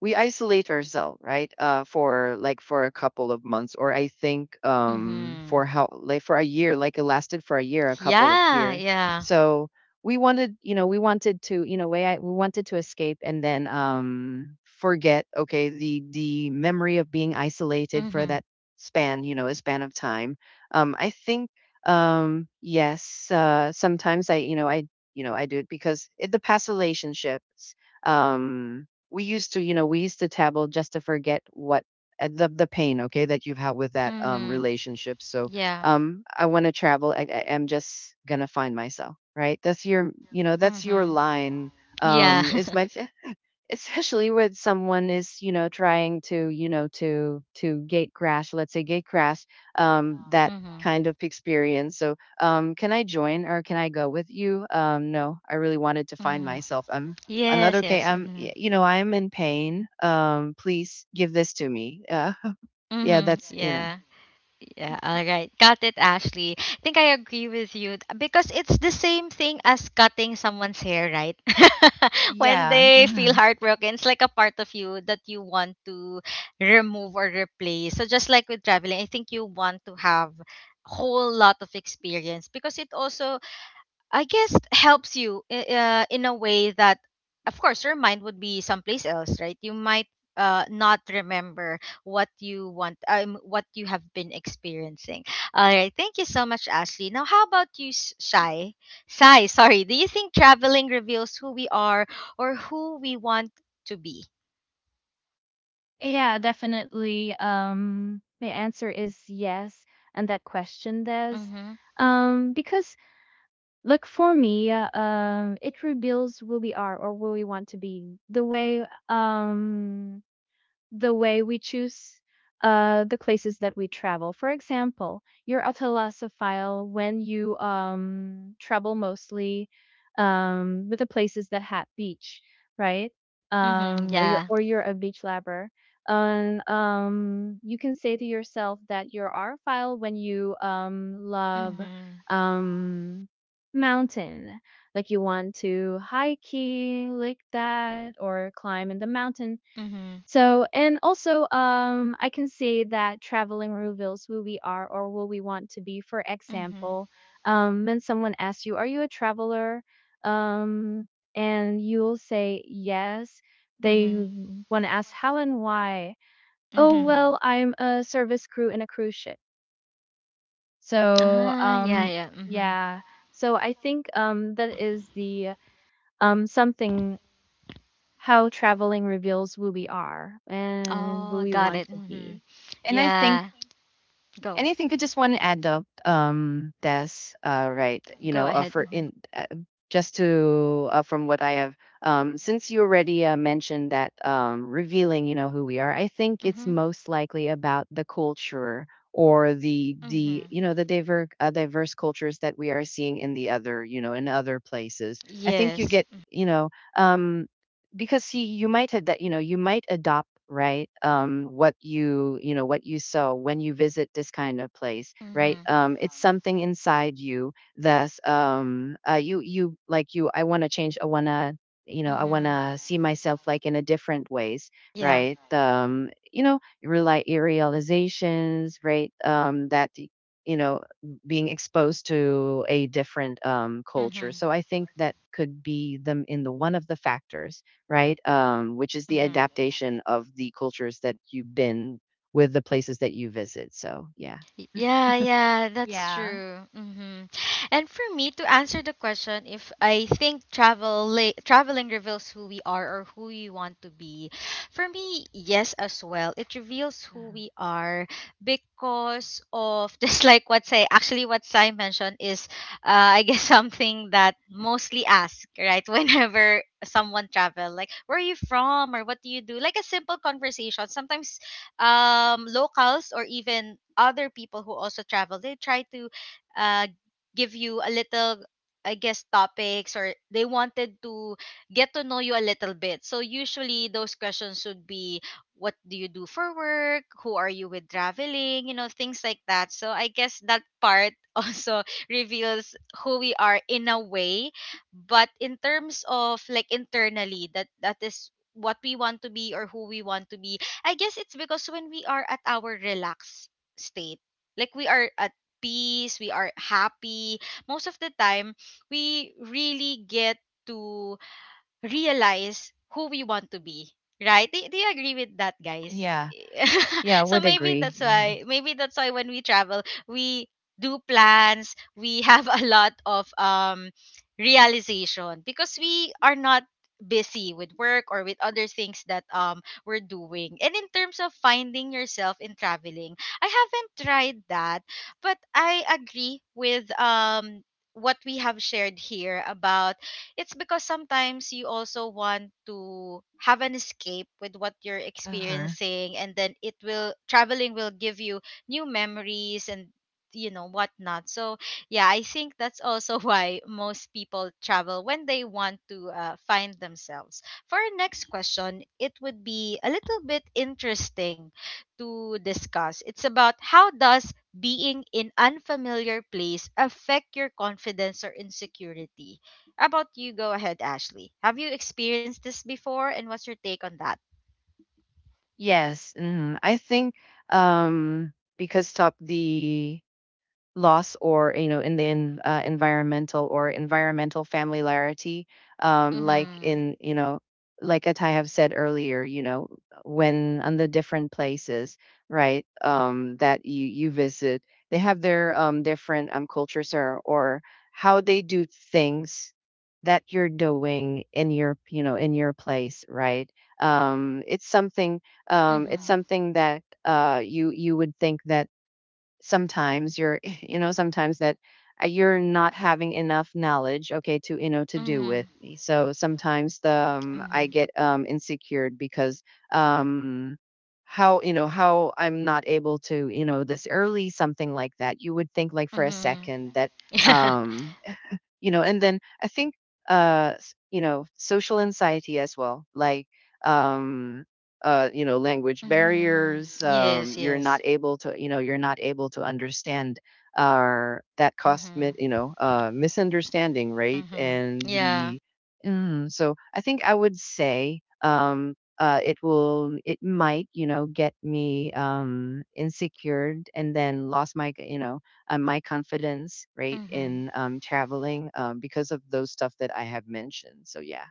Speaker 2: we isolate ourselves, right, for like, for a couple of months, or I think, for
Speaker 1: Mhm.
Speaker 2: how, like, for a year, like, it lasted for a year, a couple of
Speaker 1: Yeah,
Speaker 2: year.
Speaker 1: yeah.
Speaker 2: So, we wanted to, we wanted to escape, and then, forget, okay, the memory of being isolated for
Speaker 1: Mhm.
Speaker 2: that, span you know a span of time. I think, yes, sometimes, I you know I do it, because in the past relationships, Um, we used to tabble, just to forget what, the pain, okay, that you've had with that,
Speaker 1: Mhm.
Speaker 2: relationship. So,
Speaker 1: Yeah.
Speaker 2: I want to travel. I'm just gonna find myself, right? That's your, that's your
Speaker 1: Mhm.
Speaker 2: line.
Speaker 1: Yeah.
Speaker 2: Is my, especially when someone is, trying to, gate crash, let's say, gate crash, that
Speaker 1: Mhm.
Speaker 2: kind of experience. So, can I join, or can I go with you? No, I really wanted to find
Speaker 1: Mhm.
Speaker 2: myself. I'm another,
Speaker 1: Yes,
Speaker 2: okay,
Speaker 1: yes.
Speaker 2: I'm
Speaker 1: Mhm.
Speaker 2: y- you know I'm in pain, please give this to me. Yeah,
Speaker 1: Mhm.
Speaker 2: that's in a.
Speaker 1: Yeah. Yeah, all right. Got it, Ashley. I think I agree with you because it's the same thing as cutting someone's hair, right? When
Speaker 2: Yeah,
Speaker 1: they feel
Speaker 2: mhm.
Speaker 1: heartbroken, it's like a part of you that you want to remove or replace. So just like with traveling, I think you want to have whole lot of experience because it also, I guess, helps you in a way that, of course, your mind would be someplace else, right? You might not remember what you want, what you have been experiencing. All right, thank you so much, Ashley. Now, how about you,
Speaker 2: Thanks.
Speaker 1: Shai? Shai, sorry. Do you think traveling reveals who we are or who we want to be?
Speaker 3: yeah definitely my answer is yes, and that question does
Speaker 1: Mm-hmm.
Speaker 3: because look, for me, it reveals who we are or who we want to be, the way the way we choose the places that we travel. For example, you're a philosophile when you travel mostly with the places that have beach, right?
Speaker 1: Mm-hmm. Yeah.
Speaker 3: Or you're a beach lover. And you can say to yourself that you're a file when you love
Speaker 1: Mm-hmm.
Speaker 3: um, mountain, like you want to hiking like that or climb in the mountain.
Speaker 1: Mm-hmm.
Speaker 3: So, and also, I can say that traveling reveals who we are or who we want to be. For
Speaker 1: Mm-hmm.
Speaker 3: example, when someone asks you, "Are you a traveler?" Um, and you'll say yes. They
Speaker 1: Mm-hmm.
Speaker 3: want to ask how and why. Oh
Speaker 2: Uh,
Speaker 1: Mm-hmm.
Speaker 3: well, I'm a service crew in a cruise ship. So,
Speaker 1: Ah, yeah, yeah. Mm-hmm.
Speaker 3: yeah. So I think that is the something how traveling reveals who we are and who
Speaker 1: Oh,
Speaker 3: we
Speaker 1: got
Speaker 3: want
Speaker 1: it.
Speaker 3: to
Speaker 1: Mhm.
Speaker 3: be.
Speaker 2: and I
Speaker 1: Yeah.
Speaker 2: think,
Speaker 1: Go.
Speaker 2: anything, I just, one adult, does, right,
Speaker 1: Go ahead.
Speaker 2: for
Speaker 1: Mhm.
Speaker 2: in, just to, from what I have, since you already, mentioned that, revealing, who we are, I think it's
Speaker 1: Mhm.
Speaker 2: most likely about the culture, or the
Speaker 1: Mhm.
Speaker 2: you know the diverse, diverse cultures that we are seeing in the other you know in other places. I think you
Speaker 1: Yes.
Speaker 2: get, um because, see, you might had that, you might adopt, right, what you saw when you visit this kind of place, right.
Speaker 1: Mhm.
Speaker 2: It's something inside you that's, you you like you I want to change, I want
Speaker 1: Mhm.
Speaker 2: to see myself, like in a different ways,
Speaker 1: Yeah.
Speaker 2: right. Rely realizations, right, that y- you know being exposed to a different, culture.
Speaker 1: Mhm.
Speaker 2: So I think that could be them in the one of the factors, right? Which is the
Speaker 1: Mhm.
Speaker 2: adaptation of the cultures that you've been with, the places that you visit. So, yeah.
Speaker 1: Yeah, yeah, that's
Speaker 3: Yeah.
Speaker 1: true. Hmm. And for me to answer the question, if I think traveling reveals who we are or who we want to be, for me, yes, as well. It reveals who
Speaker 2: Uh-huh.
Speaker 1: we are because of just like what say actually what Sai mentioned is, I guess, something that mostly ask, right? Whenever someone travel, like where are you from or what do you do, like a simple conversation sometimes. Locals or even other people who also travel, they try to uh, give you a little, I guess, topics, or they wanted to get to know you a little bit. So usually those questions would be, what do you do for work? Who are you with traveling? You know, things like that. So I guess that part also reveals who we are in a way, but in terms of like internally, that that is what we want to be or who we want to be, I guess it's because when we are at our relaxed state, like we are at peace, we are happy, most of the time we really get to realize who we want to be, right? Do you agree with that, guys?
Speaker 2: Yeah. Yeah,
Speaker 1: So
Speaker 2: would
Speaker 1: maybe
Speaker 2: agree.
Speaker 1: that's
Speaker 2: Mhm.
Speaker 1: why, maybe that's why when we travel, we do plans, we have a lot of realization because we are not busy with work or with other things that we're doing. And in terms of finding yourself in traveling, I haven't tried that, but I agree with what we have shared here about it's because sometimes you also want to have an escape with what you're
Speaker 2: Huh.
Speaker 1: experiencing, and then it will traveling will give you new memories and, you know, whatnot. So yeah, I think that's also why most people travel when they want to find themselves. For our next question, it would be a little bit interesting to discuss. It's about how does being in unfamiliar place affect your confidence or insecurity. How about you, go ahead, Ashley. Have you experienced this before, and what's your take on that?
Speaker 2: Yes, mhm. I think, because top the loss, or, in the, environmental, or environmental familiarity, like
Speaker 1: Mm-hmm.
Speaker 2: in, like, as I have said earlier, when, on the different places, right, that you visit, they have their, different, cultures, or how they do things that you're doing in your, in your place, right. It's something, it's
Speaker 1: Mm-hmm.
Speaker 2: something that, you would think that, sometimes you're sometimes that, you're not having enough knowledge, okay, to, to do
Speaker 1: Mm-hmm.
Speaker 2: with. So sometimes the,
Speaker 1: Mm-hmm.
Speaker 2: I get insecure, because, um how you know how I'm not able to, this early, something like that, you would think, like, for a
Speaker 1: Mm-hmm.
Speaker 2: second, that
Speaker 1: Yeah.
Speaker 2: um and then I think, social anxiety as well, like, um language
Speaker 1: Mm-hmm.
Speaker 2: barriers,
Speaker 1: Yes, yes.
Speaker 2: you're not able to understand, are that cost,
Speaker 1: Mm-hmm.
Speaker 2: misunderstanding, right,
Speaker 1: Mm-hmm.
Speaker 2: and
Speaker 1: Yeah.
Speaker 2: the. Mm, so I think I would say, it might, get me, insecured, and then lost my, my confidence, right,
Speaker 1: Mm-hmm.
Speaker 2: in, traveling, because of those stuff that I have mentioned. So yeah.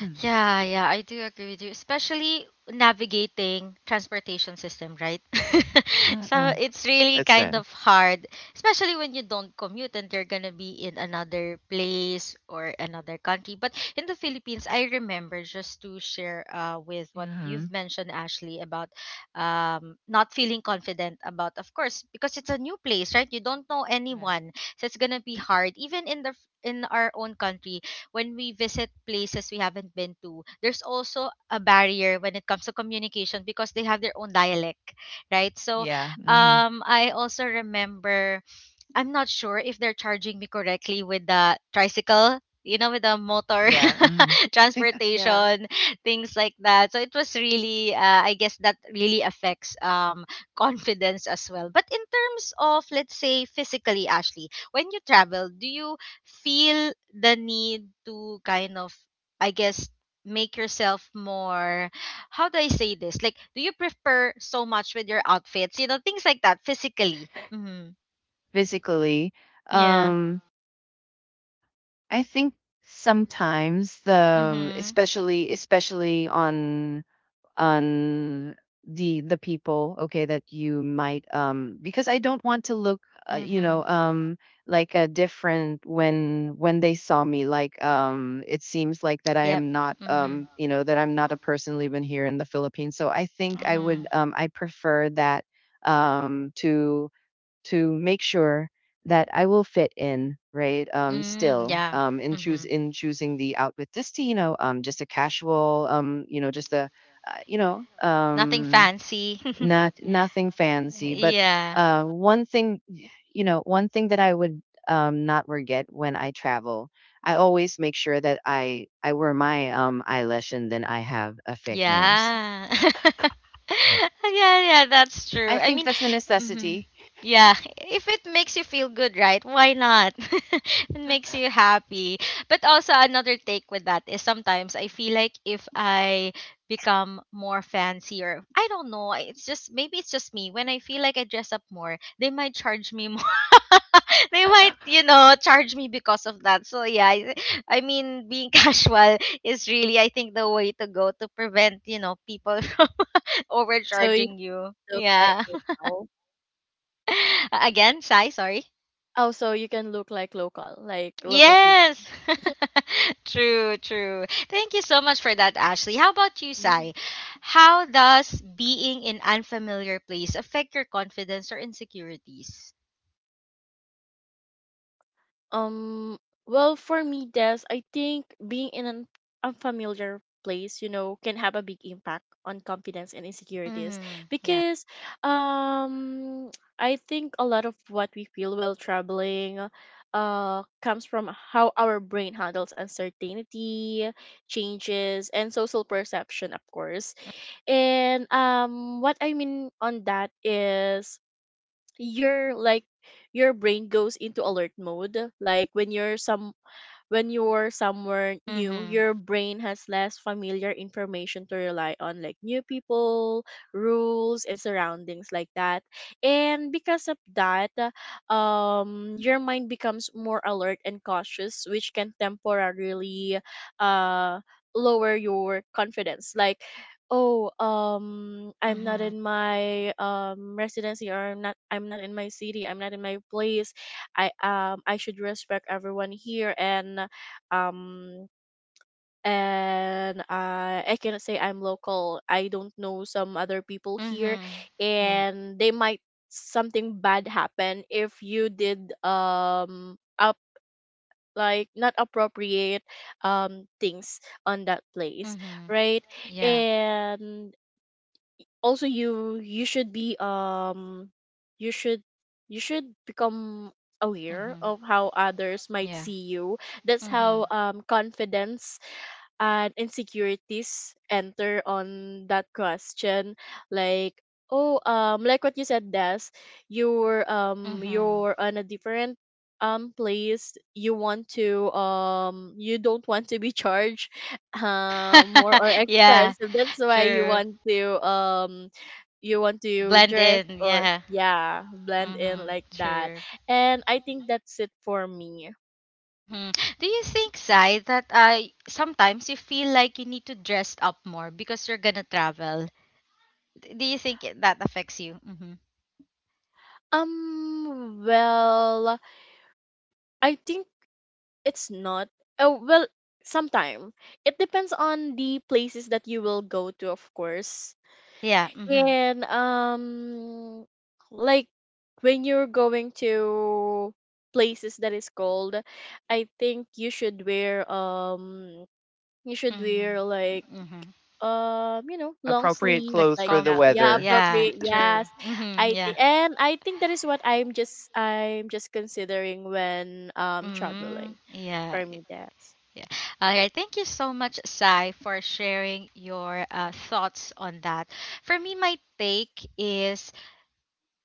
Speaker 2: Mhm.
Speaker 1: Yeah, yeah, I do agree with you, especially navigating transportation system, right? So
Speaker 2: Mm-hmm.
Speaker 1: it's really
Speaker 2: That's
Speaker 1: kind
Speaker 2: it.
Speaker 1: of hard, especially when you don't commute and you're gonna be in another place or another country. But in the Philippines, I remember, just to share with what
Speaker 2: Mm-hmm.
Speaker 1: you've mentioned, Ashley, about not feeling confident about, of course, because it's a new place, right? You don't know anyone, so it's gonna be hard. Even in the in our own country, when we visit places we haven't been to, there's also a barrier when it comes to communication because they have their own dialect, right? So
Speaker 2: Yeah. Mm-hmm.
Speaker 1: I also remember I'm not sure if they're charging me correctly with the tricycle, you know, with the motor
Speaker 2: Yeah. Hmm.
Speaker 3: Yeah.
Speaker 1: transportation, things like that. So it was really, I guess, that really affects confidence as well. But in terms of, let's say, physically, Ashley, when you travel, do you feel the need to kind of, I guess, make yourself more, how do I say this, like do you prefer so much with your outfits, you know, things like that physically? Hmm.
Speaker 2: Physically,
Speaker 1: Yeah.
Speaker 2: um, I think sometimes the,
Speaker 1: Mhm.
Speaker 2: especially on, on the people, okay, that you might, because I don't want to look, uh, you
Speaker 1: Mhm.
Speaker 2: know um like a different, when they saw me, like, it seems like that I
Speaker 1: Yep.
Speaker 2: am not,
Speaker 1: Mhm.
Speaker 2: that I'm not a person living here in the Philippines. So I think,
Speaker 1: Mhm.
Speaker 2: I prefer that, um to to make sure that I will fit in, right?
Speaker 1: Mm,
Speaker 2: Still,
Speaker 1: yeah.
Speaker 2: in choose
Speaker 1: Mhm.
Speaker 2: in choosing the outfit, just to, just a casual, just a, uh, you know,
Speaker 1: Nothing
Speaker 2: um,
Speaker 1: fancy.
Speaker 2: not nothing fancy, but
Speaker 1: Yeah.
Speaker 2: one thing, one thing that I would not forget when I travel. I always make sure that I wear my eyelash and then I have a fake nails.
Speaker 1: Yeah. Yeah, yeah, that's true.
Speaker 2: I
Speaker 1: I
Speaker 2: think
Speaker 1: mean,
Speaker 2: that's a
Speaker 1: mhm.
Speaker 2: necessity.
Speaker 1: Yeah, if it makes you feel good, right? Why not? It makes you happy. But also another take with that is sometimes I feel like if I become more fancy or I don't know, it's just maybe it's just me. When I feel like I dress up more, they might, you know, charge me because of that. So yeah, I mean, being casual is really, I think, the way to go to prevent, you know, people from
Speaker 3: So you
Speaker 1: overcharging you.
Speaker 3: can look like
Speaker 1: Yeah.
Speaker 3: local.
Speaker 1: Again, Sai, sorry.
Speaker 3: Oh, so you can look like local people.
Speaker 1: Yes. True, true. Thank you so much for that, Ashley. How about you,
Speaker 2: Yeah.
Speaker 1: Sai? How does being in unfamiliar place affect your confidence or insecurities?
Speaker 3: Um, well, for me, Des, I think being in an unfamiliar place, you know, can have a big impact on confidence and insecurities
Speaker 1: Mm-hmm. Yeah.
Speaker 3: because um I think a lot of what we feel while traveling comes from how our brain handles uncertainty, changes, and social perception, of course. And what I mean on that is your like your brain goes into alert mode, like when you're somewhere new,
Speaker 1: Mm-hmm.
Speaker 3: your brain has less familiar information to rely on, like new people, rules, and surroundings like that. And because of that, your mind becomes more alert and cautious, which can temporarily uh, lower your confidence. Like, oh, I'm not
Speaker 1: Mm-hmm.
Speaker 3: in my residency, or I'm not in my city, I'm not in my place. I should respect everyone here, and um I cannot say I'm local. I don't know some other people here
Speaker 1: Mm-hmm. Yeah.
Speaker 3: and they might something bad happen if you did up like not appropriate things on that place,
Speaker 1: Mhm.
Speaker 3: right?
Speaker 1: Yeah.
Speaker 3: And also you should be you should you should become aware
Speaker 1: Mm-hmm.
Speaker 3: of how others might
Speaker 1: Yeah.
Speaker 3: see you. That's
Speaker 1: Mm-hmm.
Speaker 3: how confidence and insecurities enter on that question. Like, oh like what you said, Des, you're on a different place. You want to you don't want to be charged more
Speaker 1: Mm-hmm.
Speaker 3: or
Speaker 1: yeah.
Speaker 3: expensive. That's why
Speaker 1: True.
Speaker 3: you want to
Speaker 1: Blend
Speaker 3: dress
Speaker 1: in.
Speaker 3: or,
Speaker 1: Yeah.
Speaker 3: yeah, blend in
Speaker 1: Mm-hmm.
Speaker 3: like that.
Speaker 1: True.
Speaker 3: And I think that's it for me.
Speaker 1: Mm-hmm. Do you think, Sai, that sometimes you feel like you need to dress up more because you're gonna travel? Do you think that affects you? Mm-hmm.
Speaker 3: Well, I think it's not. Oh well, sometime it depends on the places that you will go to, of course.
Speaker 1: Yeah. Mm-hmm.
Speaker 3: And like when you're going to places that is cold, I think you should wear like
Speaker 1: Mm-hmm. Mm-hmm.
Speaker 3: you know,
Speaker 2: A
Speaker 3: long
Speaker 2: pro-
Speaker 3: sleeves
Speaker 1: Like
Speaker 3: like that.
Speaker 1: comfort.
Speaker 3: Yeah,
Speaker 1: Yeah.
Speaker 3: appropriate.
Speaker 1: True.
Speaker 3: Yes.
Speaker 1: Mm-hmm.
Speaker 3: I
Speaker 1: Yeah.
Speaker 3: think, and I think that is what I'm just considering when
Speaker 1: Mm,
Speaker 3: traveling
Speaker 1: yeah.
Speaker 3: for me there.
Speaker 1: Yeah. All right. Thank you so much, Sai, for sharing your thoughts on that. For me, my take is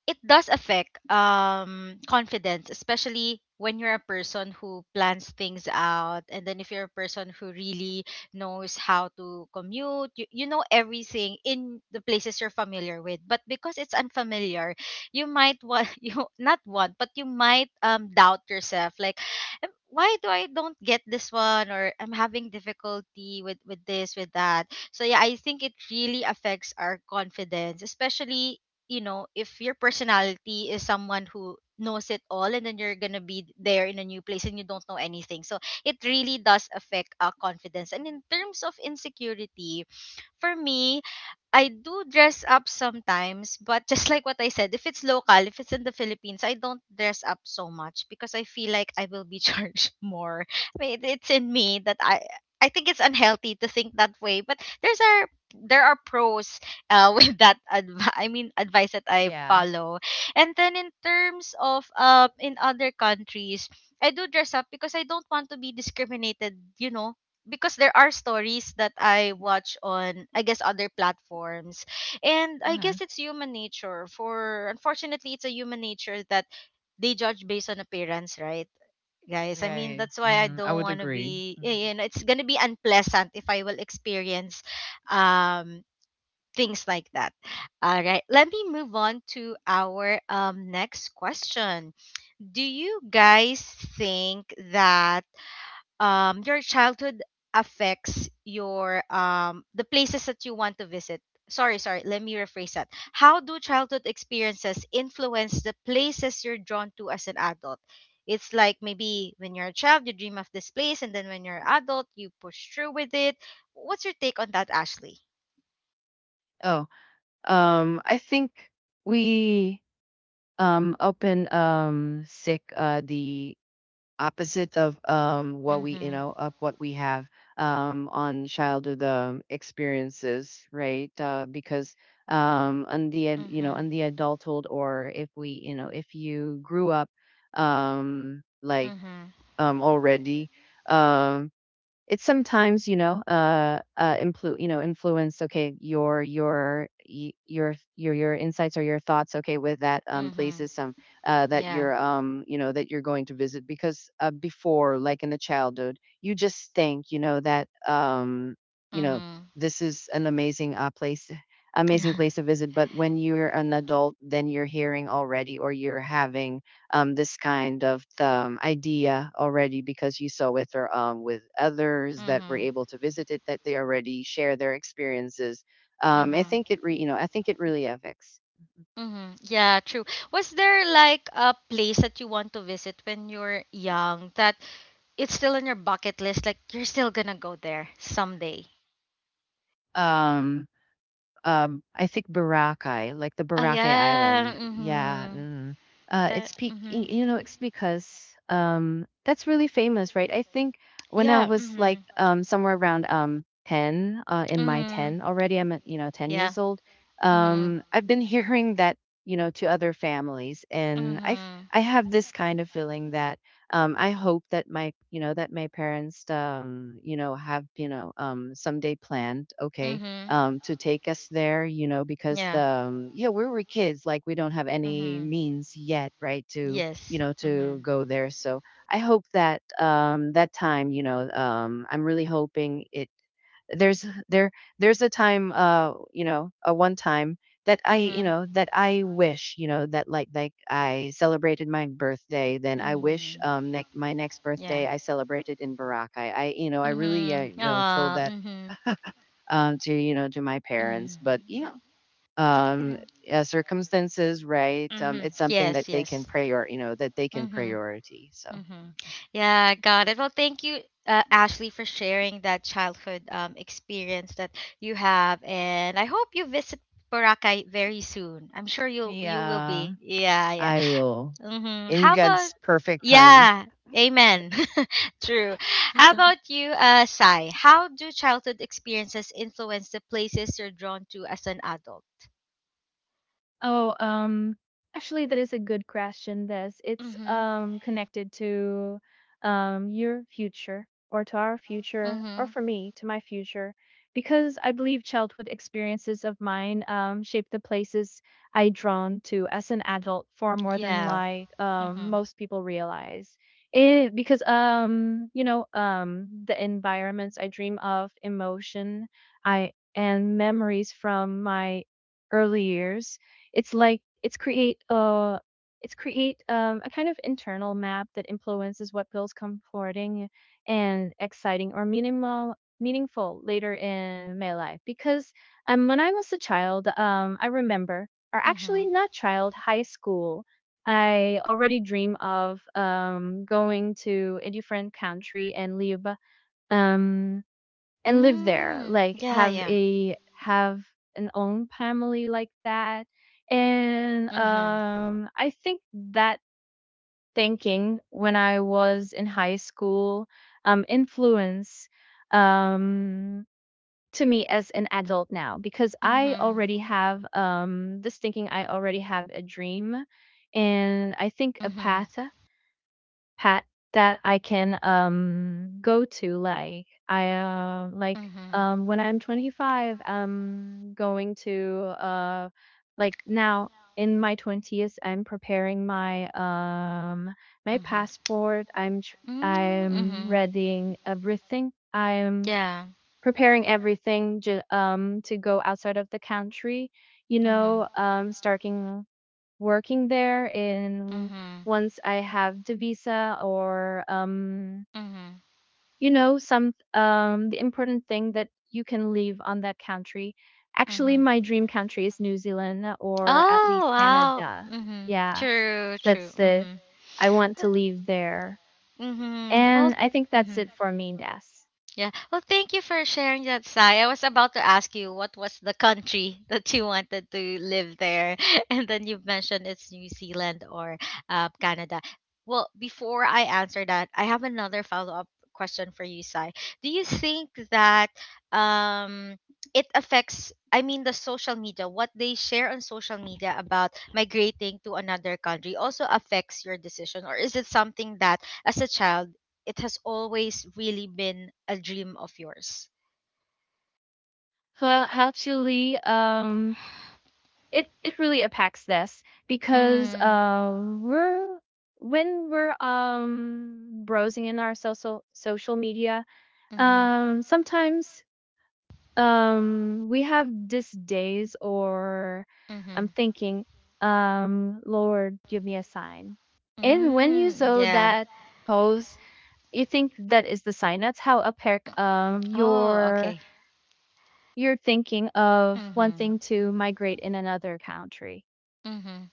Speaker 1: it does affect confidence, especially when you're a person who plans things out, and then if you're a person who really knows how to commute you, you know everything in the places you're familiar with, but because it's unfamiliar you might want, you not want, but you might doubt yourself like, why do I don't get this one, or I'm having difficulty with this with that," so yeah, I think it really affects our confidence, especially you know, if your personality is someone who knows it all and then you're gonna be there in a new place and you don't know anything. So it really does affect confidence. And in terms of insecurity, for me, I do dress up sometimes, but just like what I said, if it's local, if it's in the Philippines, I don't dress up so much because I feel like I will be charged more. I mean, it's in me that I think it's unhealthy to think that way, but there are pros with that advice that I
Speaker 2: yeah.
Speaker 1: follow. And then in terms of in other countries, I do dress up because I don't want to be discriminated, you know, because there are stories that I watch on I guess other platforms. And I guess it's human nature for, unfortunately, it's a human nature that they judge based on appearance, right? Guys, I mean
Speaker 2: Right.
Speaker 1: that's why I
Speaker 2: Mm, I
Speaker 1: don't
Speaker 2: would
Speaker 1: want to
Speaker 2: agree.
Speaker 1: be
Speaker 2: Mhm.
Speaker 1: you know, it's going to be unpleasant if I will experience um things like that. All right, let me move on to our next question. Do you guys think that your childhood affects your the places that you want to visit? Sorry, sorry, let me rephrase that. How do childhood experiences influence the places you're drawn to as an adult? It's like maybe when you're a child, you dream of this place, and then when you're an adult, you push through with it. What's your take on that, Ashley?
Speaker 2: Oh, I think we open sick the opposite of what we
Speaker 1: Mm-hmm.
Speaker 2: of what we have on childhood experiences, right? Because on the
Speaker 1: Mm-hmm.
Speaker 2: on the adulthood, or if we if you grew up like
Speaker 1: Mm-hmm.
Speaker 2: already, um it's sometimes, influence. Okay, your insights or your thoughts. Okay, with that
Speaker 1: Mm-hmm.
Speaker 2: places some that
Speaker 1: Yeah.
Speaker 2: you're that you're going to visit. Because before, like in the childhood, you just think, that you know,
Speaker 1: Mm-hmm.
Speaker 2: this is an amazing place, amazing place to visit. But when you're an adult, then you're hearing already, or you're having this kind of idea already, because you saw with her with others that were
Speaker 1: Mm-hmm.
Speaker 2: able to visit it, that they already share their experiences. I
Speaker 1: Mm-hmm.
Speaker 2: think it re, you know I think it really affects. Mhm.
Speaker 1: Mm-hmm. Yeah, true. Was there like a place that you want to visit when you're young that it's still on your bucket list, like you're still gonna go there someday?
Speaker 2: Um, I think Boracay, like the
Speaker 1: Ah,
Speaker 2: Boracay
Speaker 1: yeah.
Speaker 2: Island. Yeah.
Speaker 1: Mm-hmm.
Speaker 2: Mm. It's
Speaker 1: That, mm-hmm.
Speaker 2: it's because that's really famous, right? I think when I
Speaker 1: Yeah.
Speaker 2: was like
Speaker 1: Mm-hmm.
Speaker 2: somewhere around 10, in my
Speaker 1: Mm-hmm.
Speaker 2: 10 already, I'm at, 10
Speaker 1: Yeah.
Speaker 2: years old.
Speaker 1: Mm-hmm.
Speaker 2: I've been hearing that, to other families, and I
Speaker 1: Mm-hmm.
Speaker 2: I have this kind of feeling that I hope that my, that my parents have, someday planned, okay,
Speaker 1: Mm-hmm.
Speaker 2: to take us there, you know, because the
Speaker 1: Yeah.
Speaker 2: yeah, we were kids, like we don't have any
Speaker 1: Mm-hmm.
Speaker 2: means yet, right, to
Speaker 1: Yes.
Speaker 2: to
Speaker 1: Mm-hmm.
Speaker 2: go there. So I hope that that time, I'm really hoping it. There's there there's a time, a one time that
Speaker 1: Mm-hmm.
Speaker 2: that I wish, that like I celebrated my birthday, then I wish
Speaker 1: Mm-hmm.
Speaker 2: my next birthday I celebrated in Boracay. I, I really,
Speaker 1: Mm-hmm.
Speaker 2: told
Speaker 1: Ah.
Speaker 2: that
Speaker 1: Mm-hmm.
Speaker 2: to to my parents. But
Speaker 1: Mm-hmm.
Speaker 2: yeah,
Speaker 1: Yeah.
Speaker 2: um, yeah, circumstances, right?
Speaker 1: Mm-hmm.
Speaker 2: It's something that
Speaker 1: Yes.
Speaker 2: they can
Speaker 1: Yes.
Speaker 2: that they can
Speaker 1: Mm-hmm.
Speaker 2: priority. So
Speaker 1: Mm-hmm. Yeah. Got it. Well, thank you, Ashley, for sharing that childhood experience that you have, and I hope you visit Boracay very soon. I'm sure you will
Speaker 2: yeah.
Speaker 1: be. Yeah. Yeah.
Speaker 2: I will,
Speaker 1: Mm-hmm.
Speaker 2: in
Speaker 1: How about?
Speaker 2: God's perfect timing.
Speaker 1: Yeah. Amen. True. How about you, Sai? How do childhood experiences influence the places you're drawn to as an adult?
Speaker 3: Oh, um, actually, that is a good question. This it's
Speaker 1: Mm-hmm.
Speaker 3: connected to your future or to our future or
Speaker 1: Mhm.
Speaker 3: for me to my future, because I believe childhood experiences of mine shape the places I drawn to as an adult far more than
Speaker 1: Yeah. Mhm.
Speaker 3: most people realize. It because you know the environments I dream of, emotion I and memories from my early years, it's like it's create uh it's create a kind of internal map that influences what feels comforting and exciting or minimal meaningful later in my life. Because when I was a child, I remember, or actually
Speaker 1: Mhm.
Speaker 3: not child, high school, I already dream of going to a different country um, and live there,
Speaker 1: Mm.
Speaker 3: like
Speaker 1: Yeah,
Speaker 3: have
Speaker 1: yeah.
Speaker 3: a have an own family like that. And
Speaker 1: Mhm.
Speaker 3: I think that thinking when I was in high school influence um to me as an adult now, because I
Speaker 1: Mhm.
Speaker 3: already have this thinking, I already have a dream and I think a
Speaker 1: Mhm.
Speaker 3: pat that I can go to. Like I like
Speaker 1: Mhm.
Speaker 3: when I'm 25 I'm going to like now in my 20s I'm preparing my my
Speaker 1: Mhm.
Speaker 3: passport.
Speaker 1: Mm.
Speaker 3: I'm
Speaker 1: Mhm.
Speaker 3: readying everything, I'm
Speaker 1: Yeah.
Speaker 3: preparing everything to go outside of the country, you
Speaker 1: Mhm.
Speaker 3: know, starting working there in
Speaker 1: Mhm.
Speaker 3: once I have the visa or
Speaker 1: Mhm.
Speaker 3: you know, some the important thing that you can live on that country. Actually,
Speaker 1: Mhm.
Speaker 3: my dream country is New Zealand or at least
Speaker 1: Oh, wow.
Speaker 3: Canada.
Speaker 1: Mhm.
Speaker 3: Yeah,
Speaker 1: True, true.
Speaker 3: that's it.
Speaker 1: Mhm.
Speaker 3: I want to live there.
Speaker 1: Mhm. Well,
Speaker 3: And I think that's
Speaker 1: mhm.
Speaker 3: it for me, Das.
Speaker 1: Yeah. Well, thank you for sharing that, Sai. I was about to ask you what was the country that you wanted to live there, and then you mentioned it's New Zealand or Canada. Well, before I answer that, I have another follow up question for you, Sai. Do you think that um, it affects? I mean, the social media, what they share on social media about migrating to another country also affects your decision, or is it something that as a child it has always really been a dream of yours?
Speaker 3: Well, actually, it it really impacts this, because
Speaker 1: Mm.
Speaker 3: we're when we're browsing in our social media,
Speaker 1: Mhm.
Speaker 3: sometimes we have these days, or I'm
Speaker 1: Mhm.
Speaker 3: thinking, lord give me a sign. And when you
Speaker 1: Mm.
Speaker 3: saw
Speaker 1: Yeah.
Speaker 3: that pose, you think that is the sign. That's how apparent
Speaker 1: Oh, okay.
Speaker 3: you're thinking of
Speaker 1: Mhm.
Speaker 3: wanting to migrate in another country.
Speaker 1: Mhm.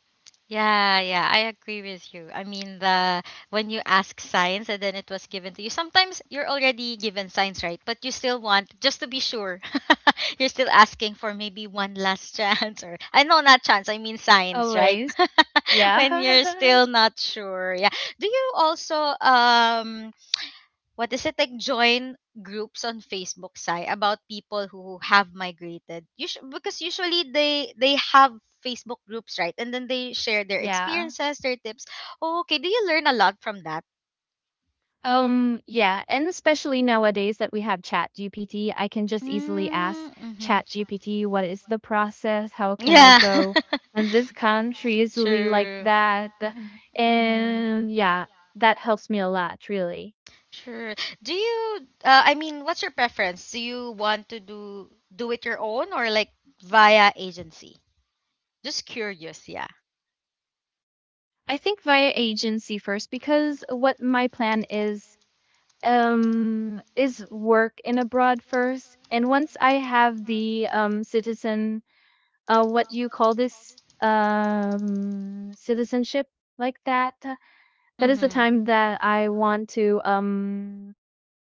Speaker 1: Yeah, yeah, I agree with you. I mean, the when you ask signs and then it was given to you, sometimes you're already given signs, right? But you still want just to be sure. you're still asking for maybe one last chance, or I know not chance, I mean signs, right?
Speaker 3: Always. Yeah.
Speaker 1: when you're still not sure. Yeah. Do you also what is it like? Join groups on Facebook, Sai, about people who have migrated. Because usually they have Facebook groups, right? And then they share their
Speaker 3: Yeah.
Speaker 1: experiences, their tips. Oh, okay. Do you learn a lot from that?
Speaker 3: Yeah, and especially nowadays that we have ChatGPT, I can just easily ask
Speaker 1: Mm-hmm.
Speaker 3: Chat GPT, "What is the process? How can I
Speaker 1: Yeah.
Speaker 3: go in this country?" Easily like
Speaker 1: Sure.
Speaker 3: that.
Speaker 1: Mm-hmm.
Speaker 3: And yeah, that helps me a lot, really.
Speaker 1: Sure. Do you, I mean, what's your preference? Do you want to do it your own, or like via agency? Just curious, yeah.
Speaker 3: I think via agency first, because what my plan is work in abroad first, and once I have the citizen what do you call this, citizenship like that, that is the
Speaker 1: Mm-hmm.
Speaker 3: time that I want to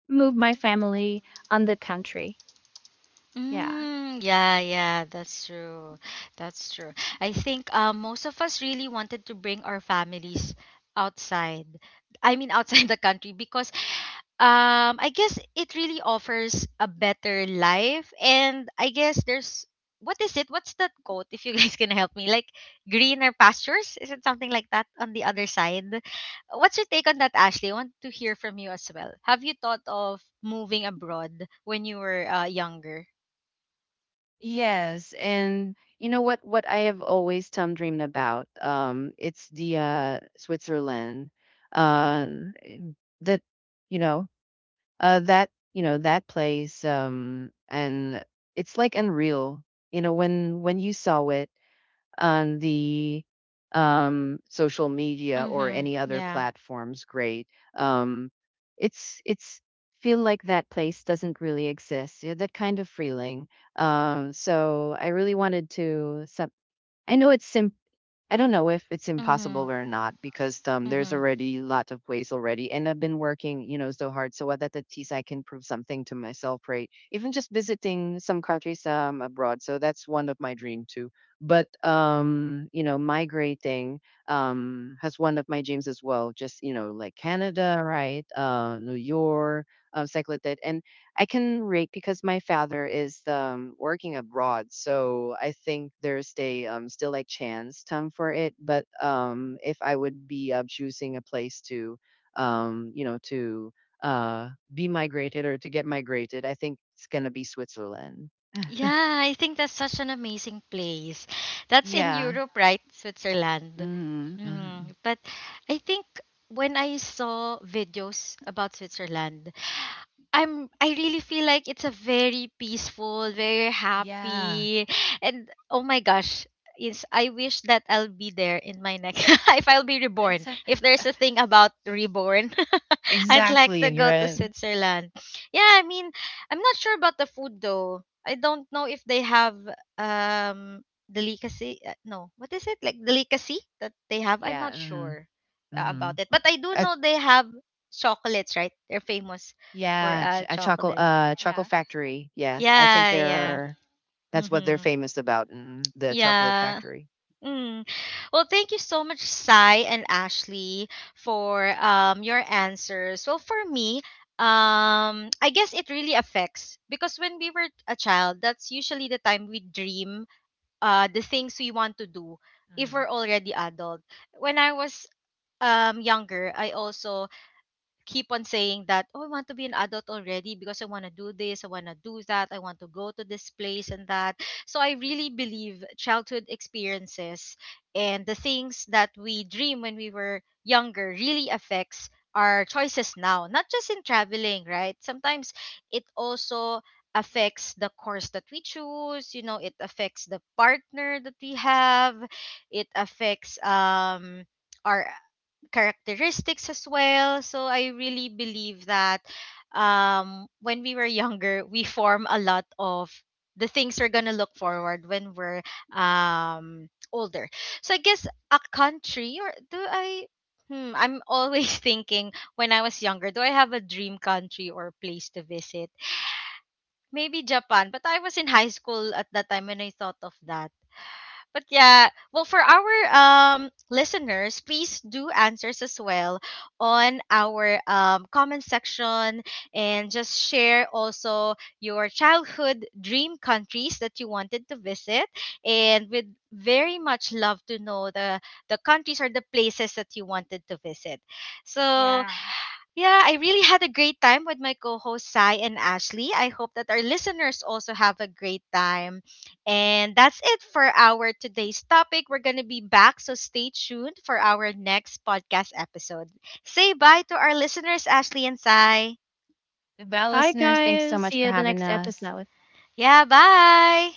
Speaker 3: move my family on the country. Yeah.
Speaker 1: Mm, yeah, yeah, that's true. That's true. I think most of us really wanted to bring our families outside. I mean, outside the country because I guess it really offers a better life. And I guess there's what is it? What's that quote? If you guys can help me, like greener pastures? Is it something like that on the other side? What's your take on that, Ashley? I want to hear from you as well. Have you thought of moving abroad when you were younger?
Speaker 2: Yes, and you know what? What I have always dreamed about, it's the Switzerland, uh, that you know. That you know that place, and it's like unreal. You know when you saw it on the social media or
Speaker 1: Mhm.
Speaker 2: any other
Speaker 1: Yeah.
Speaker 2: platforms, great. Um, it's feel like that place doesn't really exist. Yeah, that kind of feeling. So I really wanted to. Some, I know it's simple. I don't know if it's impossible
Speaker 1: Mhm.
Speaker 2: or not, because there's
Speaker 1: Mhm.
Speaker 2: already lot of ways already, and I've been working, so hard. So what that at least I can prove something to myself, right? Even just visiting some countries abroad. So that's one of my dream too. But migrating has one of my dreams as well. Just you know, like Canada, right? New York, cycled that, and I can rate because my father is working abroad, so I think there's a still like chance time for it. But if I would be choosing a place to, to be migrated or to get migrated, I think it's gonna be Switzerland.
Speaker 1: Yeah, I think that's such an amazing place. That's in
Speaker 2: Yeah.
Speaker 1: Europe, right? Switzerland.
Speaker 2: Hmm, hmm.
Speaker 1: Mhm. But I think when I saw videos about Switzerland, I really feel like it's a very peaceful, very
Speaker 2: Yeah,
Speaker 1: happy, and oh my gosh, yes, I wish that I'll be there in my next if I'll be
Speaker 2: that's
Speaker 1: reborn.
Speaker 2: a,
Speaker 1: If there's a thing about reborn, I'd like
Speaker 2: exactly.
Speaker 1: to
Speaker 2: And you're
Speaker 1: go to
Speaker 2: at,
Speaker 1: Switzerland. Yeah, I mean, I'm not sure about the food though. I don't know if they have um delicacy. No, what is it like delicacy that they have? I'm
Speaker 2: yeah,
Speaker 1: not
Speaker 2: mm,
Speaker 1: sure about
Speaker 2: mm.
Speaker 1: it, but I do
Speaker 2: Uh,
Speaker 1: know they have chocolates, right? They're famous for
Speaker 2: Yeah, a chocolate
Speaker 1: chocolate.
Speaker 3: yeah
Speaker 2: chocolate factory. Yes, I think
Speaker 1: Yeah,
Speaker 2: there
Speaker 1: yeah.
Speaker 2: are, that's what they're
Speaker 1: Mm-hmm.
Speaker 2: famous about, mhm, the chocolate
Speaker 1: Yeah.
Speaker 2: factory.
Speaker 1: Mm. Well, thank you so much, Sai and Ashley, for your answers. Well, for me, I guess it really affects because when we were a child, that's usually the time we dream the things we want to do if
Speaker 2: Mhm.
Speaker 1: we're already adult. When I was younger, I also keep on saying that, oh, I want to be an adult already because I want to do this, I want to do that, I want to go to this place and that. So I really believe childhood experiences and the things that we dream when we were younger really affects our choices now, not just in traveling, right? Sometimes it also affects the course that we choose, you know, it affects the partner that we have, it affects our characteristics as well. So I really believe that when we were younger, we form a lot of the things we're gonna look forward when we're older. So I guess a country or do I? Hmm, I'm always thinking when I was younger, do I have a dream country or place to visit? Maybe Japan, but I was in high school at that time when I thought of that. But yeah, well, for our listeners, please do answers as well on our comment section and just share also your childhood dream countries that you wanted to visit, and we'd very much love to know the countries or the places that you wanted to visit. So
Speaker 3: yeah
Speaker 1: yeah, I really had a great time with my co hosts, Sai and Ashley. I hope that our listeners also have a great time. And that's it for our today's topic. We're going to be back, so stay tuned for our next podcast episode. Say bye to our listeners, Ashley and Sai.
Speaker 2: The Bell
Speaker 3: bye
Speaker 2: listeners, thanks so
Speaker 3: guys,
Speaker 2: much
Speaker 3: see
Speaker 2: for
Speaker 3: you the
Speaker 2: having
Speaker 3: next
Speaker 2: us.
Speaker 3: episode.
Speaker 1: Yeah, bye.